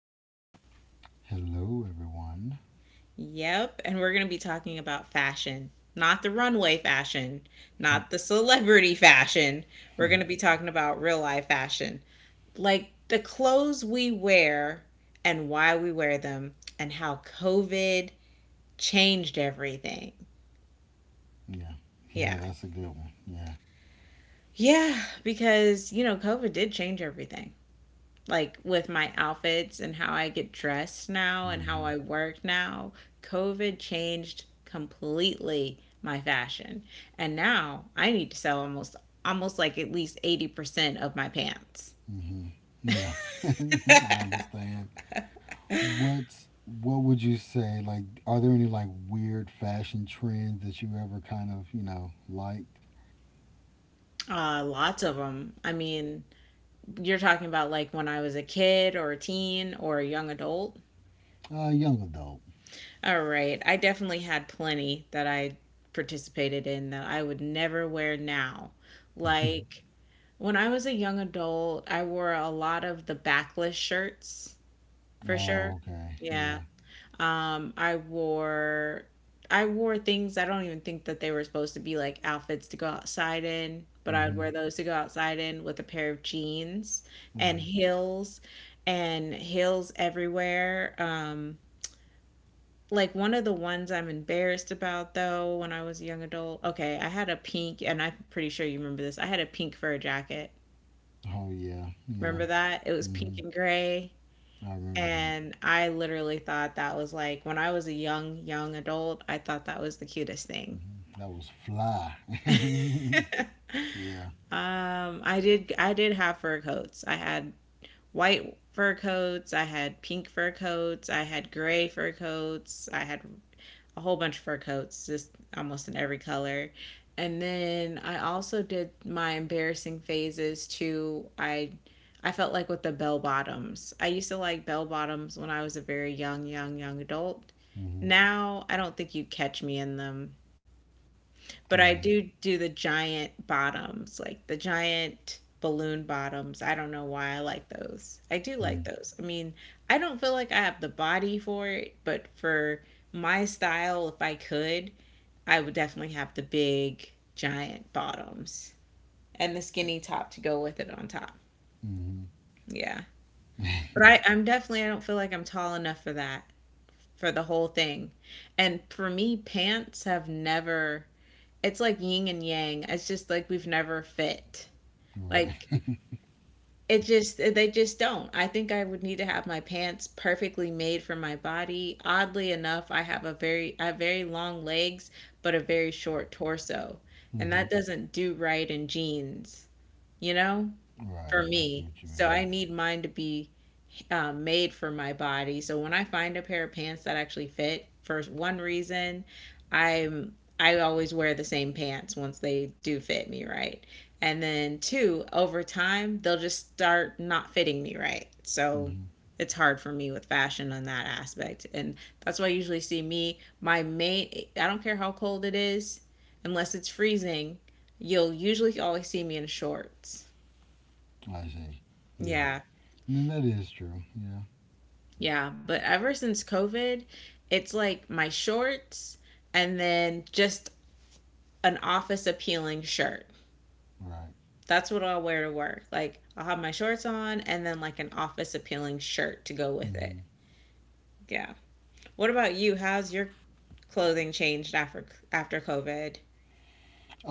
today. Hello, everyone. Yep, and we're going to be talking about fashion. Not the runway fashion, not the celebrity fashion. We're going to be talking about real life fashion, like the clothes we wear and why we wear them and how COVID changed everything. Yeah, yeah, Yeah. that's a good one. Yeah. Yeah, because, you know, COVID did change everything like with my outfits and how I get dressed now and how hmm I work now, COVID changed completely my fashion. And now I need to sell almost like at least 80% of my pants. hmm Yeah, I understand. What would you say? Are there any weird fashion trends that you ever kind of liked? Lots of them. I mean, you're talking about like when I was a kid or a teen or a young adult. Young adult. All right, I definitely had plenty that I participated in that I would never wear now. Like when I was a young adult, I wore a lot of the backless shirts for sure. Oh, okay. Yeah. Yeah. Um, I wore I wore things I don't even think that they were supposed to be like outfits to go outside in, but I would wear hmm those to go outside in with a pair of jeans and Right. heels and heels everywhere. Like one of the ones I'm embarrassed about though when I was a young adult. Okay, I had a pink, and I'm pretty sure you remember this. I had a pink fur jacket. Oh, yeah. Yeah. Remember that? It was hmm pink and gray. I remember that. And I literally thought that was like, when I was a young, young adult, I thought that was the cutest thing. That was fly. yeah. I did have fur coats. I had white fur coats, I had pink fur coats, I had gray fur coats, I had a whole bunch of fur coats, just almost in every color. And then I also did my embarrassing phases too. I felt like with the bell bottoms. I used to like bell bottoms when I was a very young, young, young adult. hmm Now I don't think you'd catch me in them, but I Right. do do the giant bottoms, like the giant balloon bottoms. I don't know why I like those. I do like those. I mean, I don't feel like I have the body for it, but for my style, if I could, I would definitely have the big giant bottoms and the skinny top to go with it on top. Mm-hmm. Yeah. But I'm definitely, I don't feel like I'm tall enough for that, for the whole thing. And for me, pants have never— it's like yin and yang. It's just like we've never fit. right. Like it just— they just don't. I think I would need to have my pants perfectly made for my body. Oddly enough, I have a very— I have very long legs but a very short torso. And hmm that doesn't do right in jeans, you know? Right. For I see me. what you So I mean. need mine to be made for my body. So when I find a pair of pants that actually fit, for one reason, I'm— I always wear the same pants once they do fit me right. And then two, over time, they'll just start not fitting me right. So hmm it's hard for me with fashion on that aspect. And that's why I usually see me— my main— I don't care how cold it is, unless it's freezing, you'll usually always see me in shorts. I see. Yeah. Yeah. And that is true. Yeah. Yeah, but ever since COVID, it's like my shorts and then just an office appealing shirt. Right. That's what I'll wear to work. Like I'll have my shorts on and then like an office appealing shirt to go with it. hmm Yeah. What about you? How's your clothing changed after after COVID?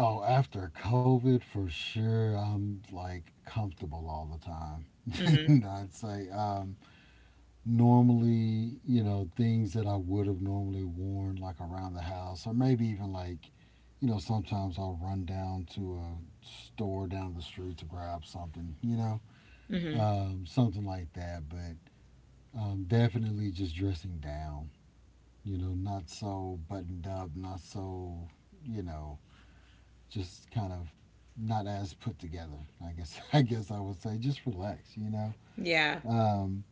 Oh, after COVID, for sure, I'm like comfortable all the time. Mhm. I'd say, normally, things that I would have normally worn like around the house, or maybe even sometimes I'll run down to a store down the street to grab something, you know, Mhm. um, something like that. But definitely just dressing down, not so buttoned up, not so, you know, just kind of not as put together. I guess I guess I would say just relax, you know. Yeah. Um,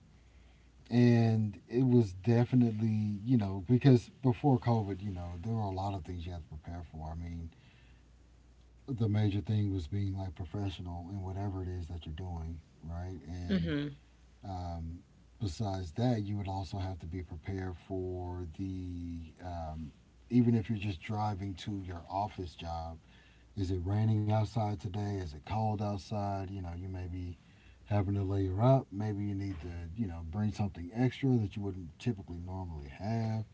and it was definitely, because before COVID, there were a lot of things you had to prepare for. I mean, the major thing was being like professional in whatever it is that you're doing, right? And Mhm. Um, Besides that, you would also have to be prepared for the even if you're just driving to your office job. Is it raining outside today? Is it cold outside? You know, you may be having to layer up. Maybe you need to, you know, bring something extra that you wouldn't typically normally have.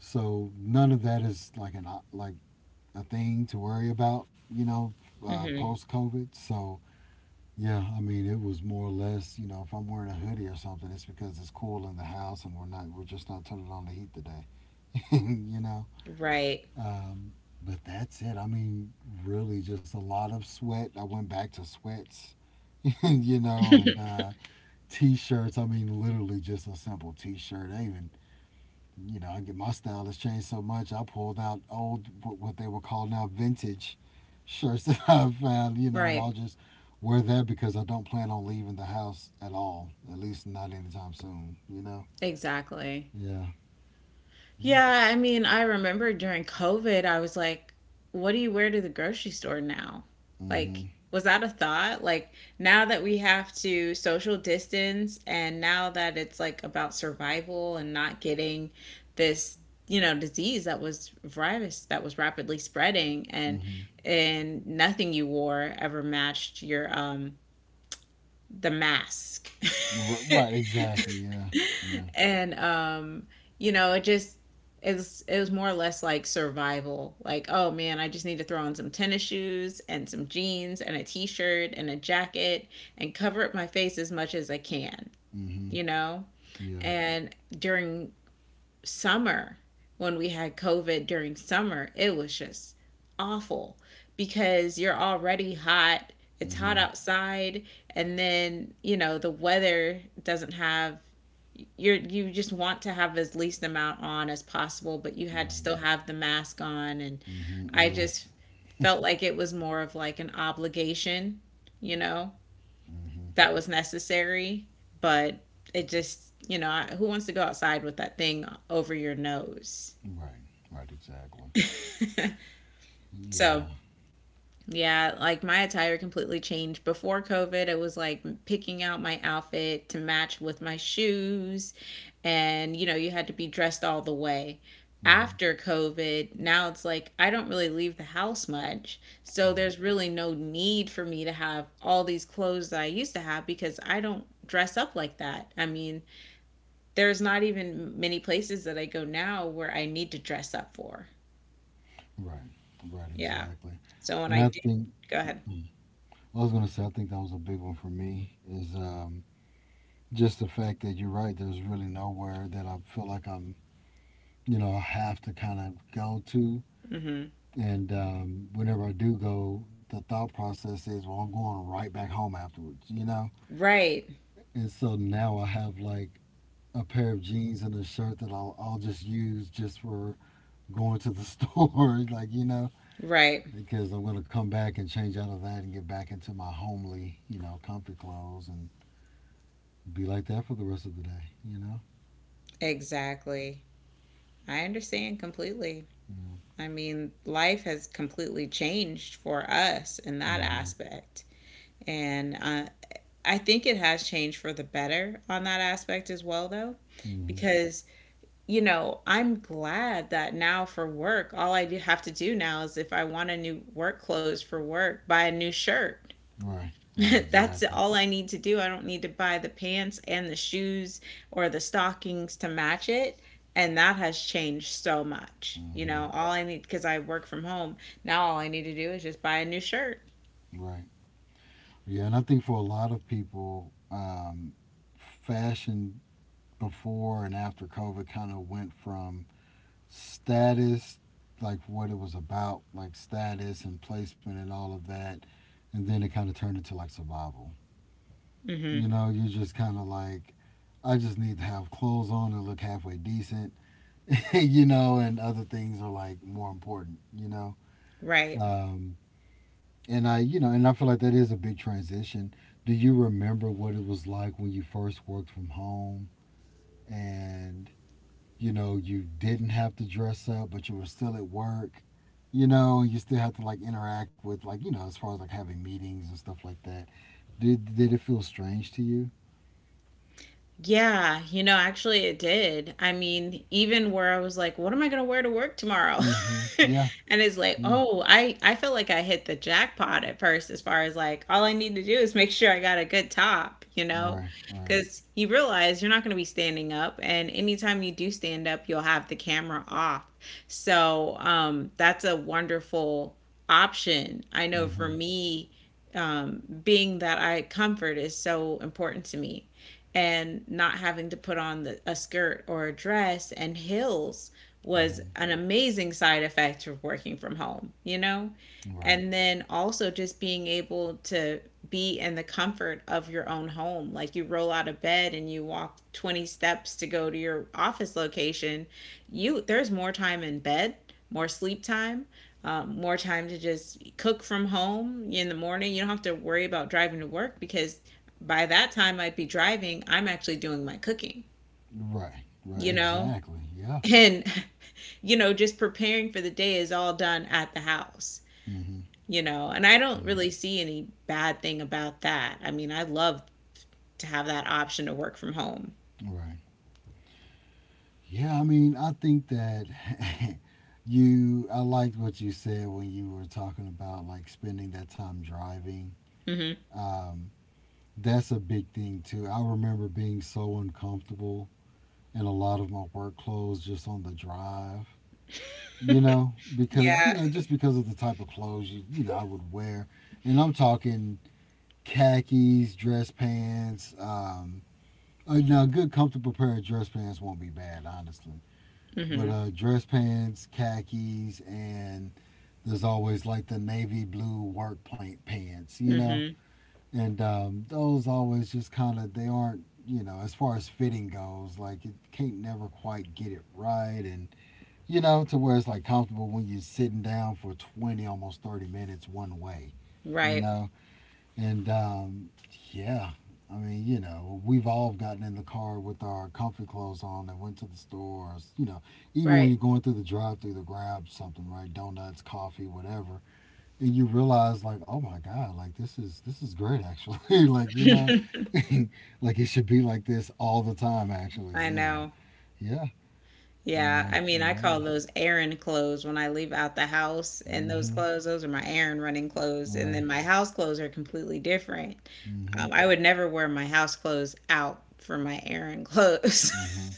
So none of that is like a thing to worry about, Mhm. post COVID. So yeah, I mean, it was more or less, you know, if I'm wearing a hoodie or something, it's because it's cool in the house and we're just not turning on the heat today, you know. Right. Um, but that's it. I mean, really, just a lot of sweat. I went back to sweats, you know, and t-shirts. I mean, literally just a simple t-shirt. I even you know, I get my style has changed so much. I pulled out old what they would call now vintage shirts that I found, you know, and I'll Right. just wear that because I don't plan on leaving the house at all, at least not anytime soon. You know. Exactly. Yeah. Yeah. Yeah, I mean, I remember during COVID, I was like, what do you wear to the grocery store now? Like, Mhm. was that a thought? Like, now that we have to social distance and now that it's like about survival and not getting this, you know, disease that was— virus that was rapidly spreading, and Mhm. Nothing you wore ever matched your the mask. R- right. Exactly. Yeah. Yeah. And you know, it just— it was more or less like survival. Like, oh man, I just need to throw on some tennis shoes and some jeans and a t-shirt and a jacket and cover up my face as much as I can, Mhm. you know. Yeah. And during summer, when we had COVID during summer, it was just awful, because you're already hot, it's hot Mhm. outside, and then you know, the weather doesn't have— you're— you just want to have as least amount on as possible, but you had to Right. still have the mask on. And Mhm. I Yes. just felt like it was more of like an obligation, you know, Mhm. that was necessary, but it just, you know, I— who wants to go outside with that thing over your nose? Right. Right. Exactly. Yeah. So, yeah, like my attire completely changed. Before COVID, it was like picking out my outfit to match with my shoes. And, you know, you had to be dressed all the way. Mhm. After COVID, now it's like I don't really leave the house much. So Right. there's really no need for me to have all these clothes that I used to have, because I don't dress up like that. I mean, there's not even many places that I go now where I need to dress up for. Right. Right. Yeah. Exactly. So when And I I do, think. go ahead. Well, I was gonna say I think that was a big one for me is just the fact that you're right. There's really nowhere that I feel like I'm you know I have to kind of go to. Hmm. And whenever I do go, the thought process is, well, I'm going right back home afterwards, you know? Right. And so now I have like a pair of jeans and a shirt that I'll just use just for going to the store, you know, Right. because I'm going to come back and change out of that and get back into my homely, you know, comfy clothes and be like that for the rest of the day, you know? Exactly. I understand completely. I mean, life has completely changed for us in that Mm-hmm. aspect. And I think it has changed for the better on that aspect as well, though, Mm-hmm. because, you know, I'm glad that now for work, all I do have to do now is if I want a new work clothes for work, buy a new shirt. Right. Right. That's Exactly. all I need to do. I don't need to buy the pants and the shoes or the stockings to match it. And that has changed so much. You Mm-hmm. know, all I need, because I work from home, now all I need to do is just buy a new shirt. Right. Yeah. And I think for a lot of people, fashion before and after COVID kind of went from status, like what it was about, like status and placement and all of that. And then it kind of turned into like survival. Hmm. You know, you just kind of I just need to have clothes on and look halfway decent you know, and other things are like more important, you know. Right. Um, and and I feel like that is a big transition. Do you remember what it was like when you first worked from home and, you know, you didn't have to dress up, but you were still at work, you know, and you still have to interact with, as far as like having meetings and stuff like that? Did it feel strange to you? Yeah, you know, actually it did. I mean, even where I was like, what am I going to wear to work tomorrow? Mm-hmm. Yeah. And it's like, Yeah. oh, I feel like I hit the jackpot at first as far as like all I need to do is make sure I got a good top, you know? Right. Right. Because you realize you're not going to be standing up, and anytime you do stand up, you'll have the camera off. So, that's a wonderful option. I know for Mm-hmm. me, being that I— comfort is so important to me, and not having to put on a skirt or a dress and heels was Mm-hmm. an amazing side effect of working from home, you know? Right. And then also just being able to be in the comfort of your own home. Like you roll out of bed and you walk 20 steps to go to your office location, you— there's more time in bed, more sleep time, more time to just cook from home in the morning. You don't have to worry about driving to work, because by that time I'd be driving, I'm actually doing my cooking, Right. Right. you know? Exactly. Yeah. And, you know, just preparing for the day is all done at the house, Mm-hmm. you know? And I don't Mm-hmm. really see any bad thing about that. I mean, I love to have that option to work from home. Right. Yeah, I mean, I think that I liked what you said when you were talking about like spending that time driving. Hmm. Um, that's a big thing too. I remember being so uncomfortable in a lot of my work clothes just on the drive, you know, because, you Yeah. know, just because of the type of clothes I would wear. And I'm talking khakis, dress pants, now, a good comfortable pair of dress pants won't be bad, honestly. but Hmm. uh, dress pants, khakis, and there's always like the navy blue work paint pants, you know. Hmm. And Those always just kind of they aren't, you know, as far as fitting goes, like it can't never quite get it right, and you know, to where it's like comfortable when you're sitting down for 20, almost 30 minutes one way, you Right. know. And Yeah, I mean, you know, we've all gotten in the car with our comfy clothes on and went to the store. Or, you know, even when Right. you're going through the drive-through to grab something, right? Donuts, coffee, whatever, and you realize like, oh my god, like this is great actually. like you know, like it should be like this all the time actually. I You know, know. yeah, Yeah, I mean, it I call matters. those errand clothes when I leave out the house, and those Mm-hmm. clothes, those are my errand running clothes. And Right. then my house clothes are completely different. Mm-hmm. I would never wear my house clothes out for my errand clothes, Mm-hmm.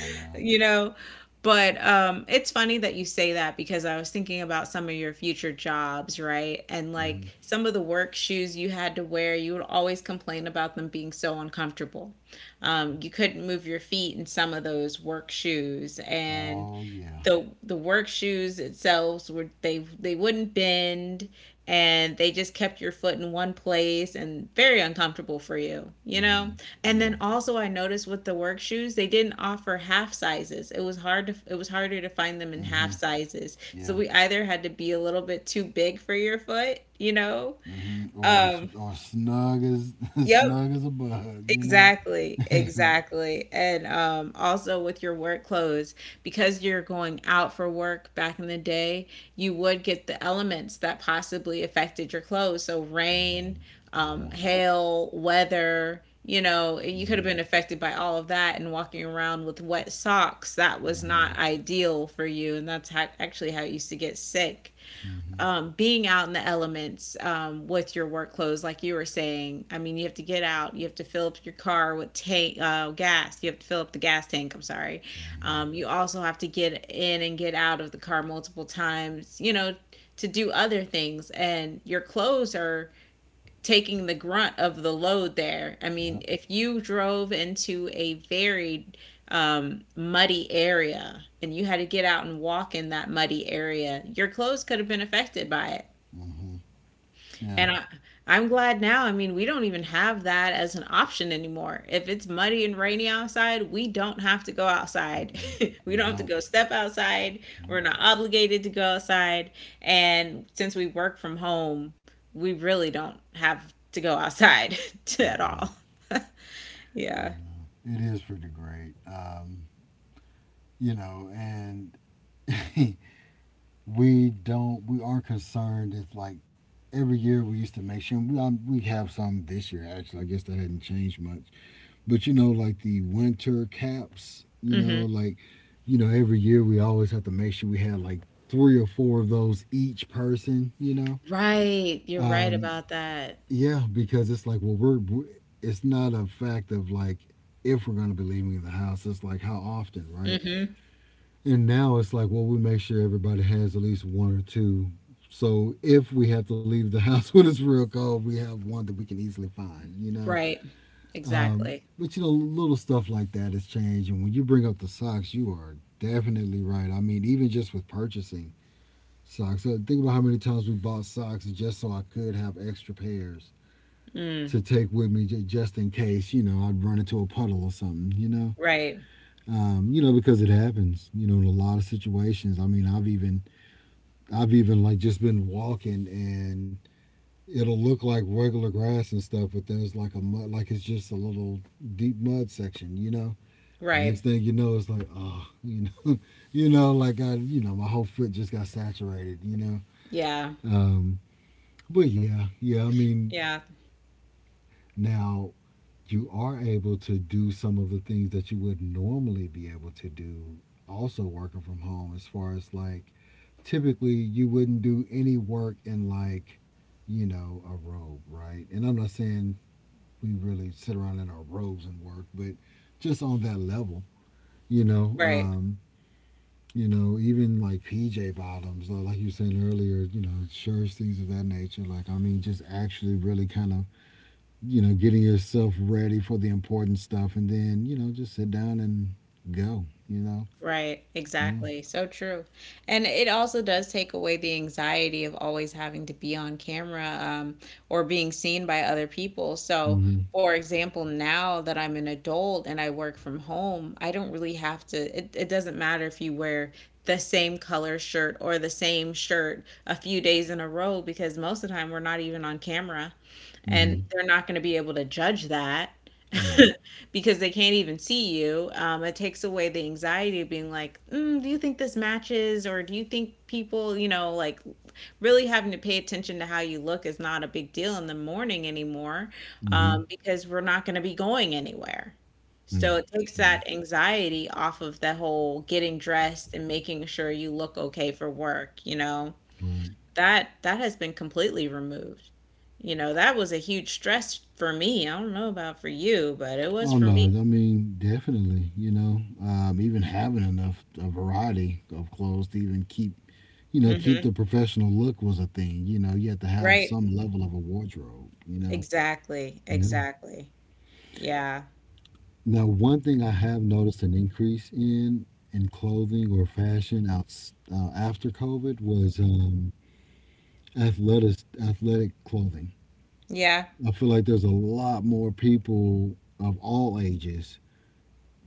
I know. you know? But it's funny that you say that, because I was thinking about some of your future jobs, right? And Mm-hmm. like some of the work shoes you had to wear, you would always complain about them being so uncomfortable. You couldn't move your feet in some of those work shoes, and Oh yeah. the work shoes itself were— they wouldn't bend, and they just kept your foot in one place and very uncomfortable for you, you know. Mm-hmm. And Yeah. then also I noticed with the work shoes they didn't offer half sizes. It was hard to— it was harder to find them in Mm-hmm. half sizes. So Yeah. we either had to be a little bit too big for your foot, you know. Or Um, snug as yep, snug as a bug, you know. exactly, hmm exactly. And also with your work clothes, because you're going out for work back in the day, you would get the elements that possibly affected your clothes. So rain, Yeah. Hail, weather, you know, you could have hmm been affected by all of that and walking around with wet socks. That was not hmm ideal for you. And that's how, actually how you used to get sick hmm being out in the elements with your work clothes, like you were saying. I mean, you have to get out. You have to fill up your car with tank gas. You have to fill up the gas tank. I'm sorry. hmm You also have to get in and get out of the car multiple times. You know, to do other things, and your clothes are taking the grunt of the load there. I mean, Yep. if you drove into a very muddy area and you had to get out and walk in that muddy area, your clothes could have been affected by it. hmm Yeah. And I, I'm glad now. I mean, we don't even have that as an option anymore. If it's muddy and rainy outside, we don't have to go outside. Mm-mm. We We don't have to don't. go step outside. We're Nope. not obligated to go outside. And since we work from home, we really don't have to go outside at Mm-mm. all. I Yeah. know. It is pretty great. You know, and we don't. We are concerned. It's like every year we used to make sure we have some this year. Actually, I guess that hadn't changed much. But you know, like the winter caps, you know, hmm like, you know, every year we always have to make sure we had like three or four of those each person, you know? Right. You're right Um, about that. yeah, because it's like, well, we're, we it's not a fact of like if we're going to be leaving the house, it's like how often, right? Hmm And now it's like, well, we make sure everybody has at least one or two. So if we have to leave the house when it's real cold, we have one that we can easily find, you know? Right. Exactly. But you know, little stuff like that has changed. And when you bring up the socks, you are definitely right. I mean, even just with purchasing socks, think about how many times we bought socks just so I could have extra pairs Mm. to take with me just in case, you know, I'd run into a puddle or something, you know. Right. You know, because it happens, you know, in a lot of situations. I mean, I've even like just been walking and it'll look like regular grass and stuff, but there's like a mud, like it's just a little deep mud section, you know. Next Right. thing you know, it's like, oh, you know, you know, you know, my whole foot just got saturated, you know. Yeah. Um, but yeah, yeah, I mean, Yeah. now you are able to do some of the things that you would normally be able to do also working from home as far as like typically you wouldn't do any work in like you know a robe right and I'm not saying we really sit around in our robes and work but just on that level you know Right. um you know, even like PJ bottoms, or like you were saying earlier, you know, shirts, things of that nature. Like, I mean, just actually really kind of, you know, getting yourself ready for the important stuff and then, you know, just sit down and go, you know? Right, Yeah. exactly. So true. And it also does take away the anxiety of always having to be on camera, or being seen by other people. So, Mm hmm. for example, now that I'm an adult and I work from home, I don't really have to, it doesn't matter if you wear the same color shirt or the same shirt a few days in a row, because most of the time we're not even on camera Mm hmm. and they're not going to be able to judge that. Right. Because they can't even see you. It takes away the anxiety of being like, mm, do you think this matches? Or do you think people, you know, like really having to pay attention to how you look is not a big deal in the morning anymore, Mm hmm. Because we're not going to be going anywhere. So Yeah. it takes Mm, that anxiety off of the whole getting dressed and making sure you look okay for work, you know. right. That has been completely removed. You know, that was a huge stress for me. I don't know about for you, but it was Oh for no, me. I mean definitely. Even having enough a variety of clothes to even keep you know, keep Mhm. the professional look was a thing. You know, you had to have Right. some level of a wardrobe, you know? Exactly. Yeah. Exactly. Yeah. Now, one thing I have noticed an increase in clothing or fashion out, after COVID was athletic clothing. Yeah. I feel like there's a lot more people of all ages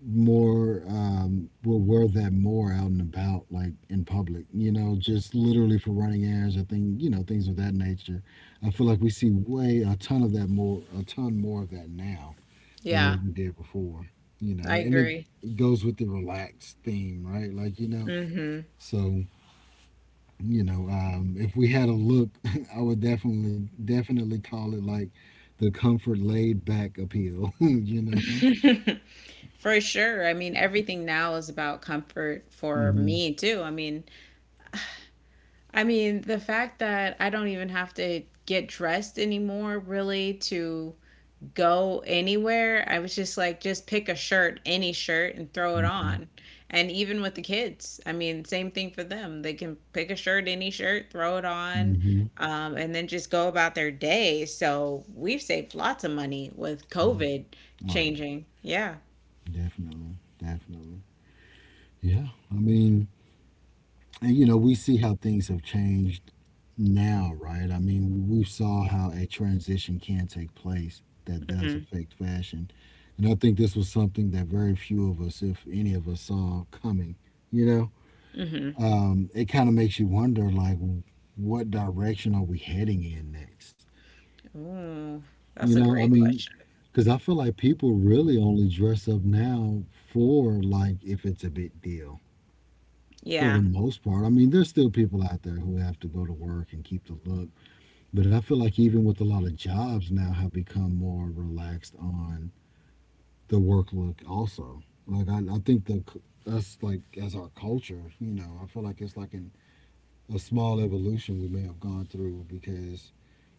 more will wear that more out and about, like in public, just literally for running errands or thing, things of that nature. I feel like we see way a ton of that more a ton more of that now than Yeah. what we did before, you know. I and it, agree. it goes with the relaxed theme, right? Like, you know. Mhm. So, if we had a look, I would definitely call it like the comfort laid back appeal. You know. For sure. I mean, everything now is about comfort for hmm me too. I mean, the fact that I don't even have to get dressed anymore really to go anywhere. I was just like, just pick a shirt, any shirt, and throw it on. And even with the kids, I mean, same thing for them. They can pick a shirt, any shirt, throw it on, hmm and then just go about their day. So we've saved lots of money with hmm COVID Oh yeah, changing. Yeah. definitely, definitely. Yeah. I mean, and you know, we see how things have changed now, right? I mean, we saw how a transition can take place that does hmm affect fashion. And I think this was something that very few of us, if any of us, saw coming. You know, hmm it kind of makes you wonder, like, what direction are we heading in next? Ooh, You that's a know, I great mean, question. because I feel like people really only dress up now for, like, if it's a big deal, for Yeah. the most part. I mean, there's still people out there who have to go to work and keep the look, but I feel like even with a lot of jobs now have become more relaxed on the work look also. Like I think us, like as our culture, you know, I feel like it's like a small evolution we may have gone through, because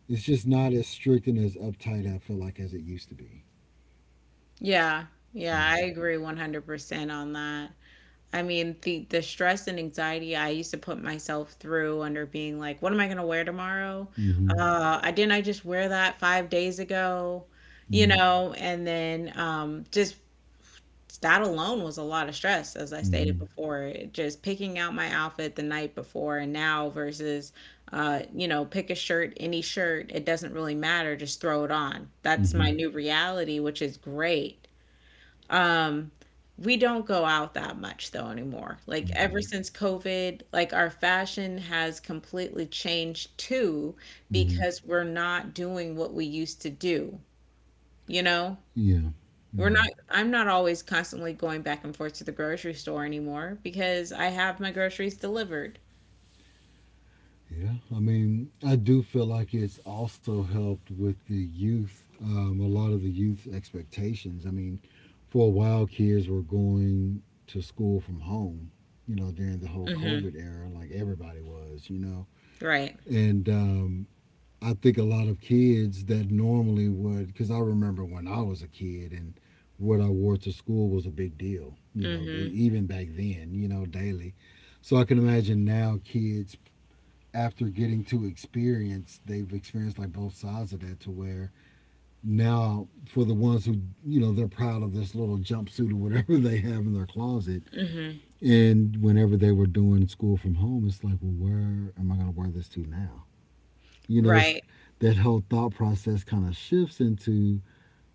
it's just not as strict and as uptight, I feel like, as it used to be. Yeah. Yeah. You I know? agree 100% on that. I mean, the stress and anxiety I used to put myself through, under being like, what am I gonna wear tomorrow? Mhm. I didn't I just wear that 5 days ago, you Right. know? And then just that alone was a lot of stress, as I stated Mhm. before. Just picking out my outfit the night before and now versus, you know, pick a shirt, any shirt. It doesn't really matter. Just throw it on. That's my Mhm. new reality, which is great. Um, we don't go out that much though anymore. Like We ever don't. since COVID, like our fashion has completely changed too Mhm. because we're not doing what we used to do, you know? Yeah. We're not, Yeah. I'm not always constantly going back and forth to the grocery store anymore because I have my groceries delivered. Yeah, I mean, I do feel like it's also helped with the youth, a lot of the youth expectations. I mean, for a while, kids were going to school from home, you know, during the whole Hmm COVID era, like everybody was, you know. Right. And I think a lot of kids that normally would, because I remember when I was a kid and what I wore to school was a big deal, you know, hmm even back then, you know, daily. So I can imagine now kids after getting to experience, they've experienced like both sides of that, to where now, for the ones who, you know, they're proud of this little jumpsuit or whatever they have in their closet. hmm And whenever they were doing school from home, it's like, well, where am I going to wear this to now? You know, Right. that whole thought process kind of shifts into,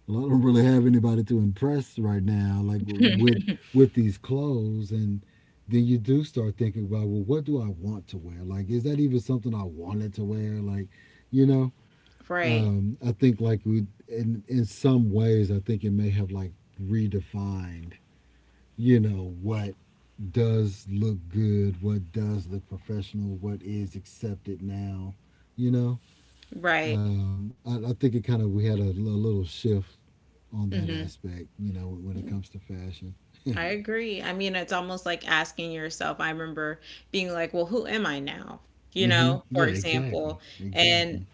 well, I don't really have anybody to impress right now, like with these clothes, and then you do start thinking about, well, what do I want to wear? Like, is that even something I wanted to wear? Like, you know. Right. I think like we, in some ways, I think it may have like redefined, you know, what does look good, what does look professional, what is accepted now, you know. Right. I think it kind of we had a little shift on that hmm aspect, you know, when it comes to fashion. I agree. I mean, it's almost like asking yourself. I remember being like, well, who am I now? You Mm-hmm. know, for Yeah, example. exactly. Exactly. And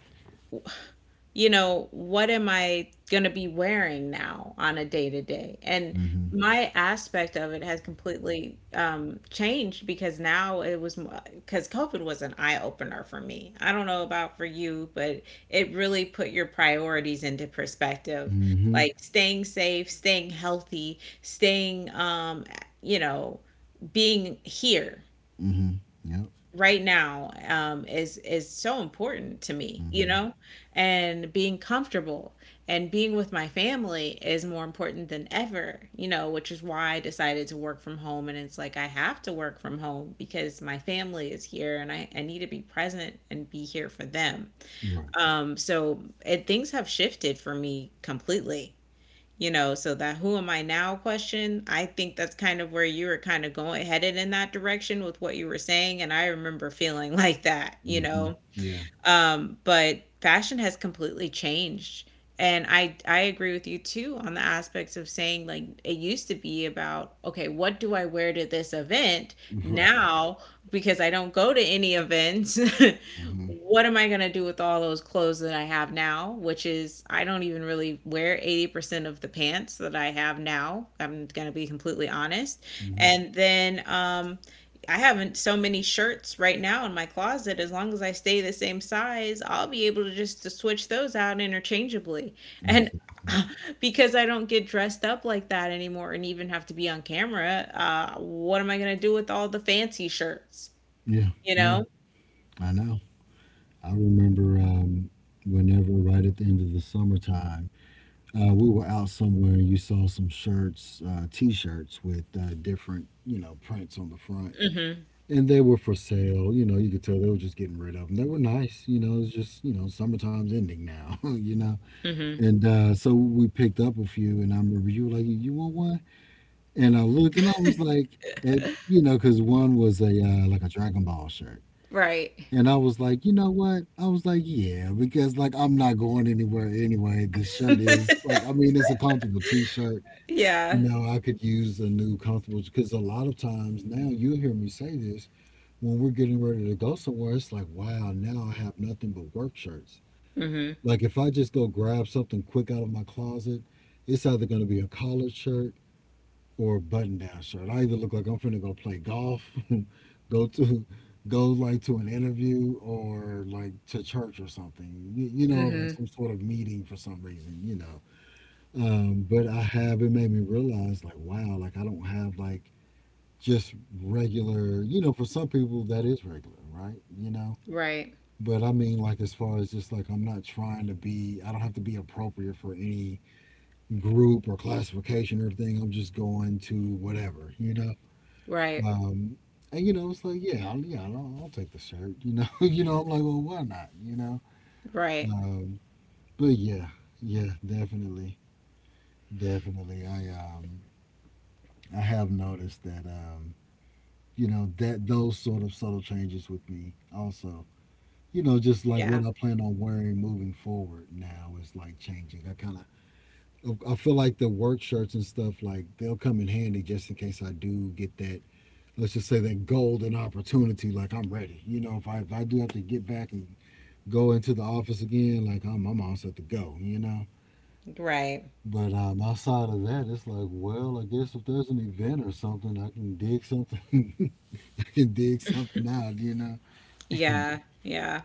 you know, what am I going to be wearing now on a day to day? And Mm-hmm. my aspect of it has completely changed, because now it was because COVID was an eye opener for me. I don't know about for you, but it really put your priorities into perspective, Mm-hmm. like staying safe, staying healthy, staying, you know, being here Mm-hmm. Yep. right now, is so important to me, you Mm-hmm. know, and being comfortable and being with my family is more important than ever, you know, which is why I decided to work from home. And it's like I have to work from home because my family is here and I need to be present and be here for them. Right. So it, things have shifted for me completely, you know. So that who am I now question, I think that's kind of where you were kind of going, headed in that direction with what you were saying, and I remember feeling like that, you Mm-hmm. know. Yeah. But fashion has completely changed. And I agree with you too on the aspects of saying like it used to be about okay, what do I wear to this event? Right. Now, because I don't go to any events, Mm-hmm. what am I going to do with all those clothes that I have now, which is I don't even really wear 80% of the pants that I have now. I'm going to be completely honest. Mm-hmm. And then I haven't so many shirts right now in my closet. As long as I stay the same size, I'll be able to just to switch those out interchangeably. And Exactly. because I don't get dressed up like that anymore and even have to be on camera, what am I going to do with all the fancy shirts? Yeah. You Yeah. know? I know. I remember whenever right at the end of the summertime, we were out somewhere and you saw some shirts, t-shirts with different, you know, prints on the front. Mm hmm. And they were for sale. You know, you could tell they were just getting rid of them. They were nice. You know, it's just, you know, summertime's ending now. You know, Mm hmm. and so we picked up a few, and I remember you were like, "You want one?" And I looked, and I was like, and you know, because one was a like a Dragon Ball shirt. Right. And I was like, you know what? I was like, yeah, because like I'm not going anywhere anyway. This shirt is like, I mean, it's a comfortable T-shirt. Yeah. You know, I could use a new comfortable, because a lot of times now you hear me say this when we're getting ready to go somewhere, it's like, wow, now I have nothing but work shirts. Mm hmm. Like if I just go grab something quick out of my closet, it's either going to be a collared shirt or a button-down shirt. I either look like I'm finna go play golf, go to go like to an interview or like to church or something. You know, Mm like some hmm. sort of meeting for some reason, you know. But I have it made me realize like, wow, like I don't have like just regular, you know, for some people that is regular, right? You know, Right. but I mean, like, as far as just like, I'm not trying to be, I don't have to be appropriate for any group or classification or thing. I'm just going to whatever, you know? Right. Um, and, you know, it's like, yeah, I'll take the shirt, you know? You know, I'm like, well, why not, you know? Right. Um, but yeah, yeah, definitely. Definitely. I have noticed that, you know, that those sort of subtle changes with me also. You know, just like Yeah. what I plan on wearing moving forward now is like changing. I feel like the work shirts and stuff, like they'll come in handy just in case I do get that, let's just say, that golden opportunity. Like I'm ready. You know, if I do have to get back and go into the office again, like I'm all set to go, you know? Right. But outside of that, it's like, well, I guess if there's an event or something, I can dig something, I can dig something out, you know? Yeah. Yeah.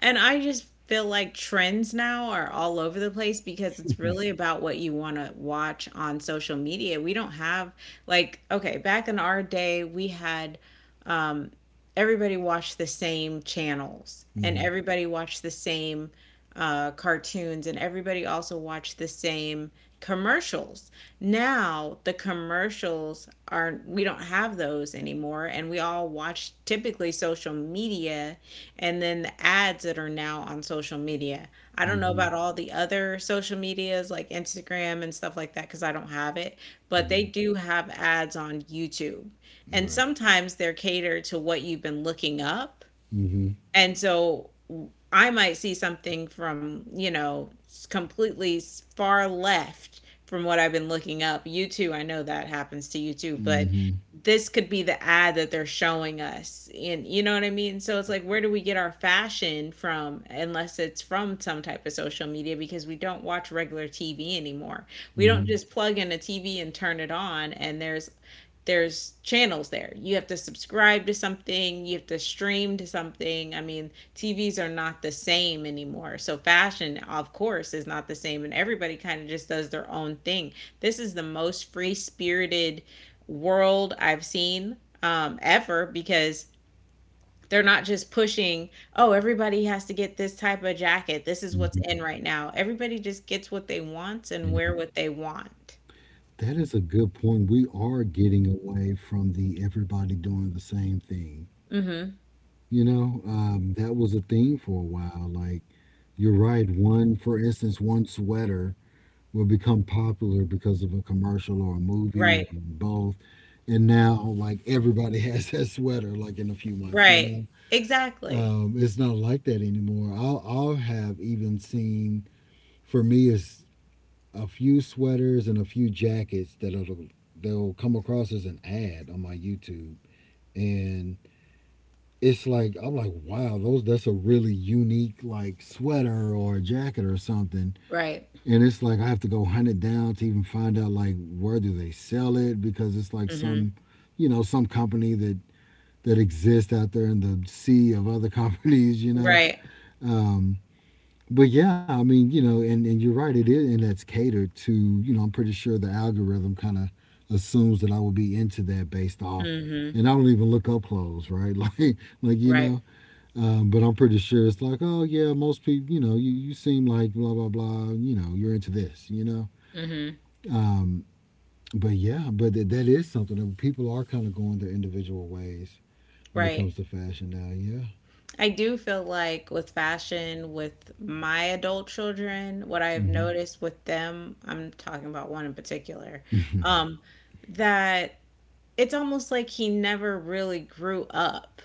And I just feel like trends now are all over the place because it's really about what you want to watch on social media. We don't have, like, okay, back in our day, we had, um, everybody watched the same channels and Mm-hmm, everybody watched the same, cartoons, and everybody also watched the same commercials. Now the commercials are, we don't have those anymore, and we all watch typically social media and then the ads that are now on social media. I don't know mm-hmm, about all the other social medias like Instagram and stuff like that because I don't have it, but they mm-hmm. do have ads on YouTube. And Right. sometimes they're catered to what you've been looking up, Mm-hmm. and so I might see something from, you know, completely far left from what I've been looking up. You too, I know that happens to you too, but Mhm, this could be the ad that they're showing us. And you know what I mean? So it's like, where do we get our fashion from unless it's from some type of social media, because we don't watch regular TV anymore. We don't mhm, just plug in a TV and turn it on and there's channels there. You have to subscribe to something, you have to stream to something. I mean, TVs are not the same anymore. So fashion, of course, is not the same and everybody kind of just does their own thing. This is the most free-spirited world I've seen ever, because they're not just pushing, oh, everybody has to get this type of jacket. This is what's mhm, in right now. Everybody just gets what they want and wear yeah. what they want. That is a good point. We are getting away from the everybody doing the same thing. Mhm. You know, that was a thing for a while. Like, you're right. One sweater will become popular because of a commercial or a movie or Right. both. And now, like, everybody has that sweater, like, in a few months, you Right. know? Exactly. Um, it's not like that anymore. I'll have even seen, for me it's a few sweaters and a few jackets that'll they'll come across as an ad on my YouTube, and it's like I'm like, wow, those that's a really unique like sweater or a jacket or something, Right. and it's like I have to go hunt it down to even find out, like where do they sell it, because it's like Mhm. some, you know, some company that exists out there in the sea of other companies, you know. Right. Um, but yeah, I mean, you know, and you're right, it is, and that's catered to, you know, I'm pretty sure the algorithm kind of assumes that I would be into that based off, Mhm. and I don't even look up clothes, right? Like you Right. know, but I'm pretty sure it's like, oh yeah, most people, you know, you seem like blah blah blah, you know, you're into this, you know. Mhm. But yeah, but that is something that people are kind of going their individual ways when it Right. comes to fashion now. Yeah. I do feel like with fashion, with my adult children, what I have Mm noticed with them, I'm talking about one in particular, um, that it's almost like he never really grew up.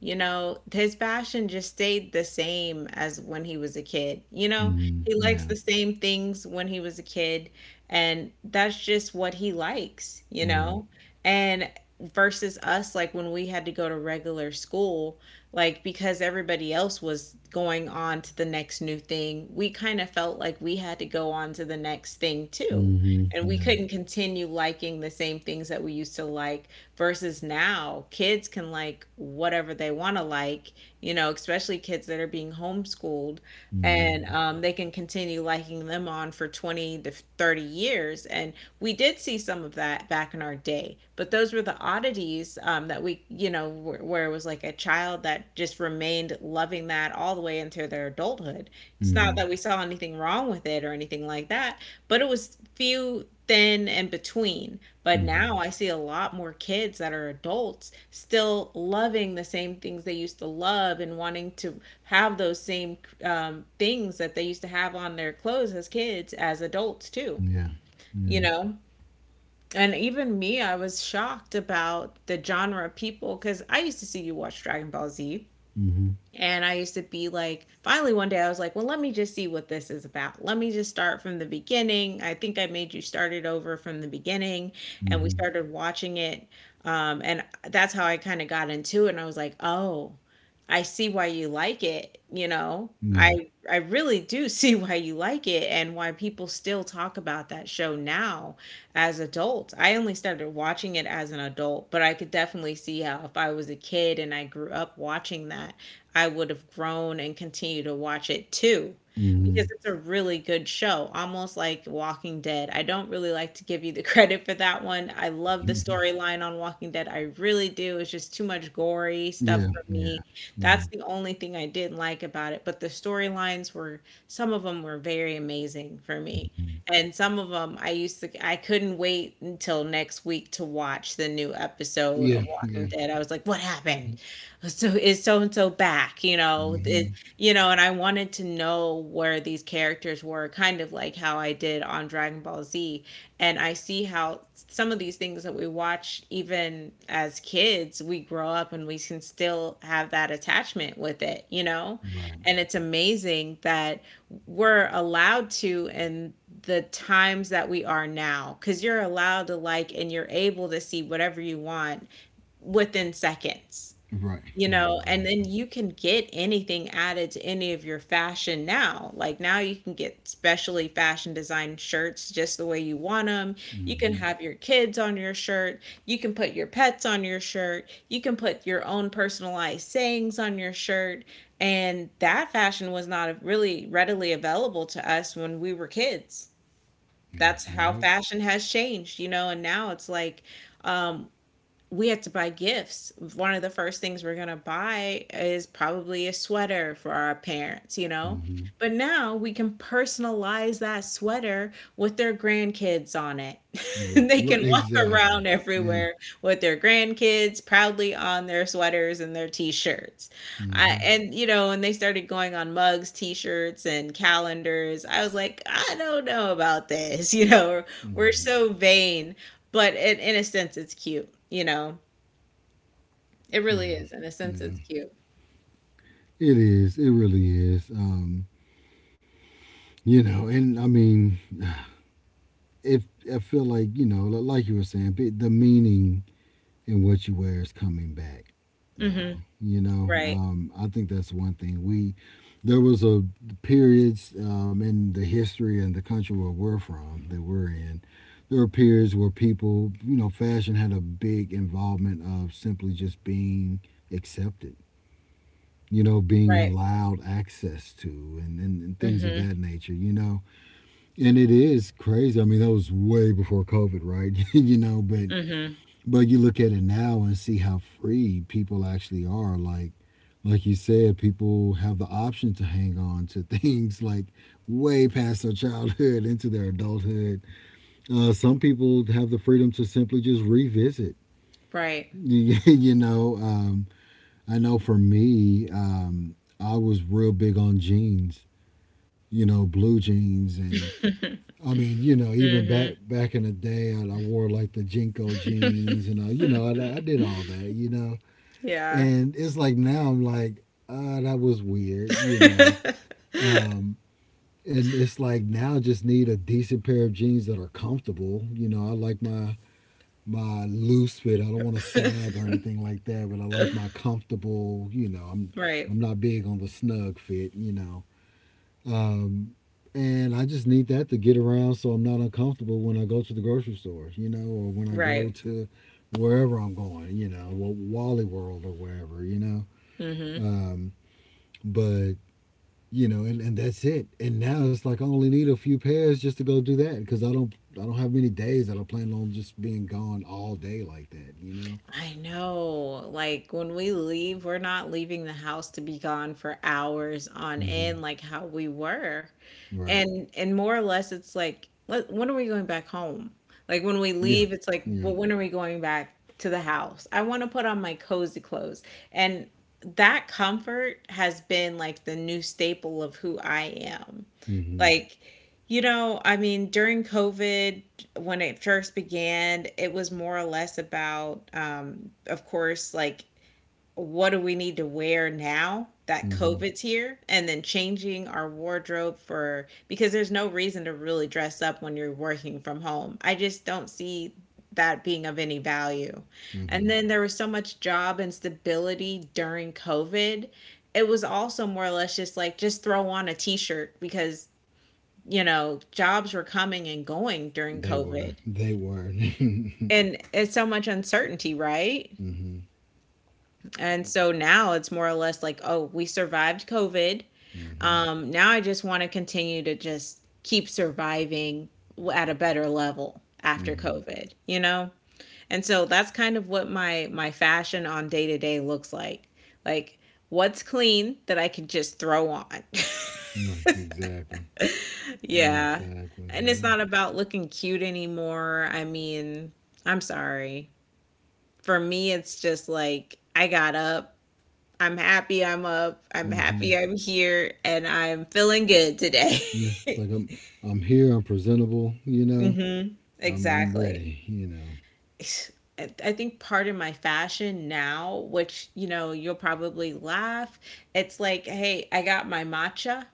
You know, his passion just stayed the same as when he was a kid. You hmm. know, Mm he hmm. likes Yeah. the same things when he was a kid, and that's just what he likes, you Right. know? And versus us, like when we had to go to regular school, like because everybody else was going on to the next new thing, we kind of felt like we had to go on to the next thing too. Mm hmm. And we Yeah. couldn't continue liking the same things that we used to like, versus now kids can like whatever they want to like, you know, especially kids that are being homeschooled. Mm And they can continue liking them on for 20 to 30 years. And we did see some of that back in our day, but those were the oddities, that we, you know, where it was like a child that just remained loving that all the way into their adulthood. hmm. It's Mm not that we hmm. saw anything wrong with it or anything like that, but it was few, thin, and between. But Mm hmm. now I see a lot more kids that are adults still loving the same things they used to love and wanting to have those same things that they used to have on their clothes as kids, as adults too, Yeah. you Yeah. know? And even me, I was shocked about the genre of people because I used to see you watch Dragon Ball Z. Mm-hmm. And I used to be like, finally, one day I was like, well, let me just see what this is about. Let me just start from the beginning. I think I made you start it over from the beginning. And we Mm-hmm. started watching it. And that's how I kind of got into it. And I was like, oh, I see why you like it. You know, Yeah. I really do see why you like it and why people still talk about that show now as adults. I only started watching it as an adult, but I could definitely see how if I was a kid and I grew up watching that, I would have grown and continued to watch it too Mm-hmm. because it's a really good show, almost like Walking Dead. I don't really like to give you the credit for that one. I love the storyline on Walking Dead. I really do. It's just too much gory stuff Yeah. for me. Yeah. That's Mm-hmm. the only thing I didn't like about it, but the storylines, were some of them were very amazing for me. And some of them I used to, I couldn't wait until next week to watch the new episode of Yeah. Walking Yeah. Dead. I was like, "What happened? So is so and so back, you know it, Mm-hmm. you know, and I wanted to know where these characters were, kind of like how I did on Dragon Ball Z. And I see how some of these things that we watch even as kids, we grow up and we can still have that attachment with it, you know. Right. And it's amazing that we're allowed to, in the times that we are now, because you're allowed to, like, and you're able to see whatever you want within seconds, Right. you Right. know, and then Exactly. you can get anything added to any of your fashion now. Like now you can get specially fashion designed shirts just the way you want them. You can Mm-hmm. have your kids on your shirt. You can put your pets on your shirt. You can put your own personalized sayings on your shirt. And that fashion was not really readily available to us when we were kids. Yeah. That's You're how right. fashion has changed, you know, and now it's like, um, we had to buy gifts. One of the first things we're going to buy is probably a sweater for our parents, you know? Mm-hmm. But now we can personalize that sweater with their grandkids on it. Right. They Right. can walk around Exactly. Yeah. everywhere with their grandkids proudly on their sweaters and their t-shirts. I, Mm-hmm. and you know, and they started going on mugs, t-shirts and calendars. I was like, I don't know about this, you know. We're Right. so vain but in a sense, it's cute, you know? It really Yeah. is. In a sense, Yeah. it's cute. It is. It really is. You know, and I mean, if I feel like, you know, like you were saying, the meaning and what you wear is coming back Hmm. now. You know, Right. I think that's one thing. We there was a periods in the history and the country where we're from that we're in. There were periods where people, you know, fashion had a big involvement of simply just being accepted. You know, being Right. allowed access to, and things of Hmm. that nature, you know. And it is crazy. I mean, that was way before COVID, right? You know, Hmm. but you look at it now and see how free people actually are. Like you said, people have the option to hang on to things like way past their childhood into their adulthood. Some people have the freedom to simply just revisit. Right. You know, I know for me, I was real big on jeans. You know, blue jeans. And I mean, you know, even Hmm. back in the day, I wore like the Jinko jeans, and I, you know, I did all that, you know. Yeah. And it's like now I'm like, that was weird, you know. Um, and it's like now I just need a decent pair of jeans that are comfortable. You know, I like my loose fit. I don't want to sag or anything like that, but I like my comfortable, you know. Right. I'm not big on the snug fit, you know. Um, and I just need that to get around so I'm not uncomfortable when I go to the grocery store, or when I Right. go to wherever I'm going, Wally World or wherever, Hmm. Um, but you know, and that's it. And now it's like I only need a few pairs just to go do that because I don't have many days that I plan on just being gone all day like that. You know. I know. Like when we leave, we're not leaving the house to be gone for hours on Mm-hmm. end like how we were. Right. And more or less it's like, let, when are we going back home? Like when we Yeah. leave, it's like, Yeah. but when are we going back to the house? I want to put on my cozy clothes. And that comfort has been like the new staple of who I am. Mm-hmm. Like, you know, I mean, during COVID, when it first began, it was more or less about, of course, like, what do we need to wear now that Mm-hmm. COVID's here? And then changing our wardrobe for, because there's no reason to really dress up when you're working from home. I just don't see that being of any value. Mm-hmm. And then there was so much job instability during COVID. It was also more or less just like, just throw on a t shirt because, you know, jobs were coming and going during They were. COVID. They were. Mm-hmm. And it's so much uncertainty, right? And so now it's more or less like, oh, we survived COVID. Mm-hmm. Now I just want to continue to just keep surviving at a better level after Mm-hmm. COVID, you know? And so that's kind of what my fashion on day to day looks like. Like, what's clean that I can just throw on. Right. Exactly. Yeah. Exactly. And it's Yeah. not about looking cute anymore. I mean, I'm sorry. For me, it's just like I got up. I'm happy I'm up. I'm Mm-hmm. happy I'm here and I'm feeling good today. Yeah. It's like I'm here. I'm presentable. You know. Hmm. I'm Exactly. ready. You know. I think part of my fashion now, which, you know, you'll probably laugh, it's like, hey, I got my matcha,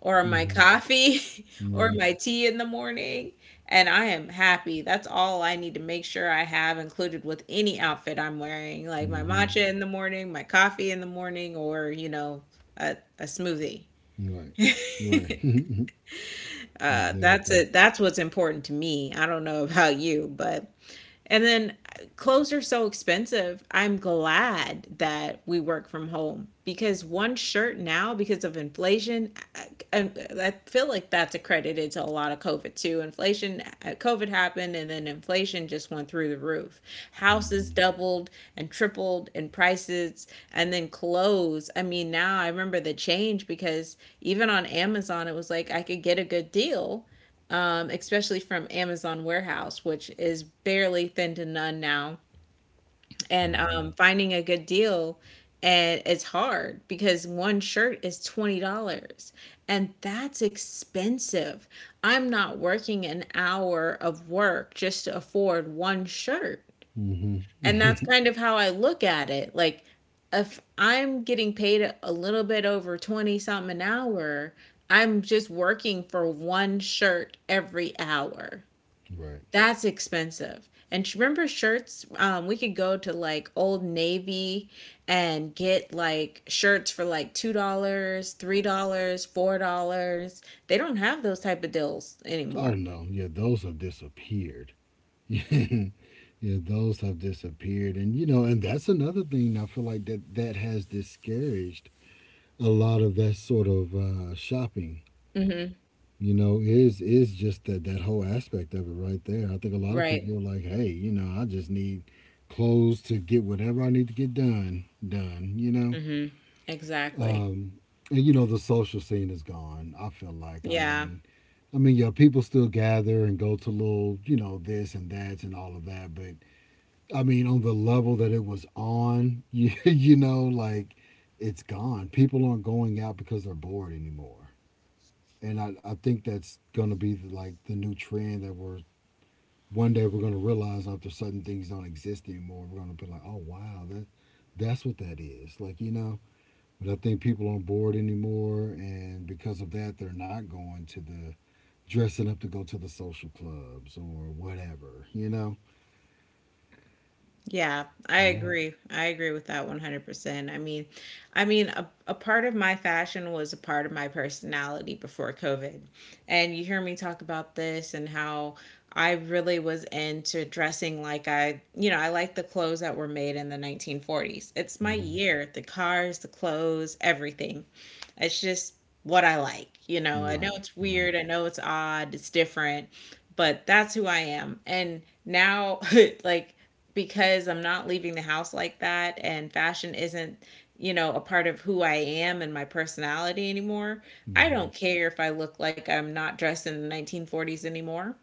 or my Mm-hmm. coffee or Right. my tea in the morning. And I am happy. That's all I need to make sure I have included with any outfit I'm wearing, like my Mm-hmm. matcha in the morning, my coffee in the morning, or, you know, a smoothie. Right. Right. That's Exactly. it. That's what's important to me. I don't know about you, but. And then clothes are so expensive. I'm glad that we work from home because one shirt now, because of inflation, I, I feel like that's accredited to a lot of COVID too. Inflation, COVID happened, and then inflation just went through the roof. Houses Hmm. doubled and tripled in prices, and then clothes. I mean, now I remember the change because even on Amazon, it was like I could get a good deal, especially from Amazon Warehouse, which is barely thin to none now. And Hmm. Finding a good deal, and it's hard because one shirt is $20 and that's expensive. I'm not working an hour of work just to afford one shirt. Hmm. And that's kind of how I look at it. Like, if I'm getting paid a little bit over 20 something an hour, I'm just working for one shirt every hour. Right. That's expensive. And remember shirts? We could go to like Old Navy and get like shirts for like $2, $3, $4. They don't have those type of deals Oh anymore. no. Yeah, those have disappeared. Yeah, those have disappeared, and and that's another thing I feel like that has discouraged a lot of that sort of shopping. Mm-hmm. You know, is just that whole aspect of it right there. I think a lot of Right? people are like, hey, I just need clothes to get whatever I need to get done done. You know. Mm-hmm. Exactly. Um, and you know the social scene is gone. I feel like Yeah. I mean, yeah, people still gather and go to little, you know, this and that and all of that. But I mean, on the level that it was on, you know, like it's gone. People aren't going out because they're bored anymore. And I think that's going to be like the new trend that we're one day we're going to realize after certain things don't exist anymore. We're going to be like, oh wow, that's what that is. Like, you know, but I think people aren't bored anymore, and because of that, they're not going to the dressing up to go to the social clubs or whatever. You know? Yeah, I Yeah. agree. I agree with that 100%. I mean, a part of my fashion was a part of my personality before COVID. And you hear me talk about this and how I really was into dressing, like, I, you know, I like the clothes that were made in the 1940s. It's my Hmm. year, the cars, the clothes, everything. It's just what I like. You know, I know Right. it's Right. weird, I know it's odd, it's different, but that's who I am. And now, like, because I'm not leaving the house like that and fashion isn't, you know, a part of who I am and my personality anymore, I Hmm. don't care if I look like I'm not dressed in the 1940s anymore.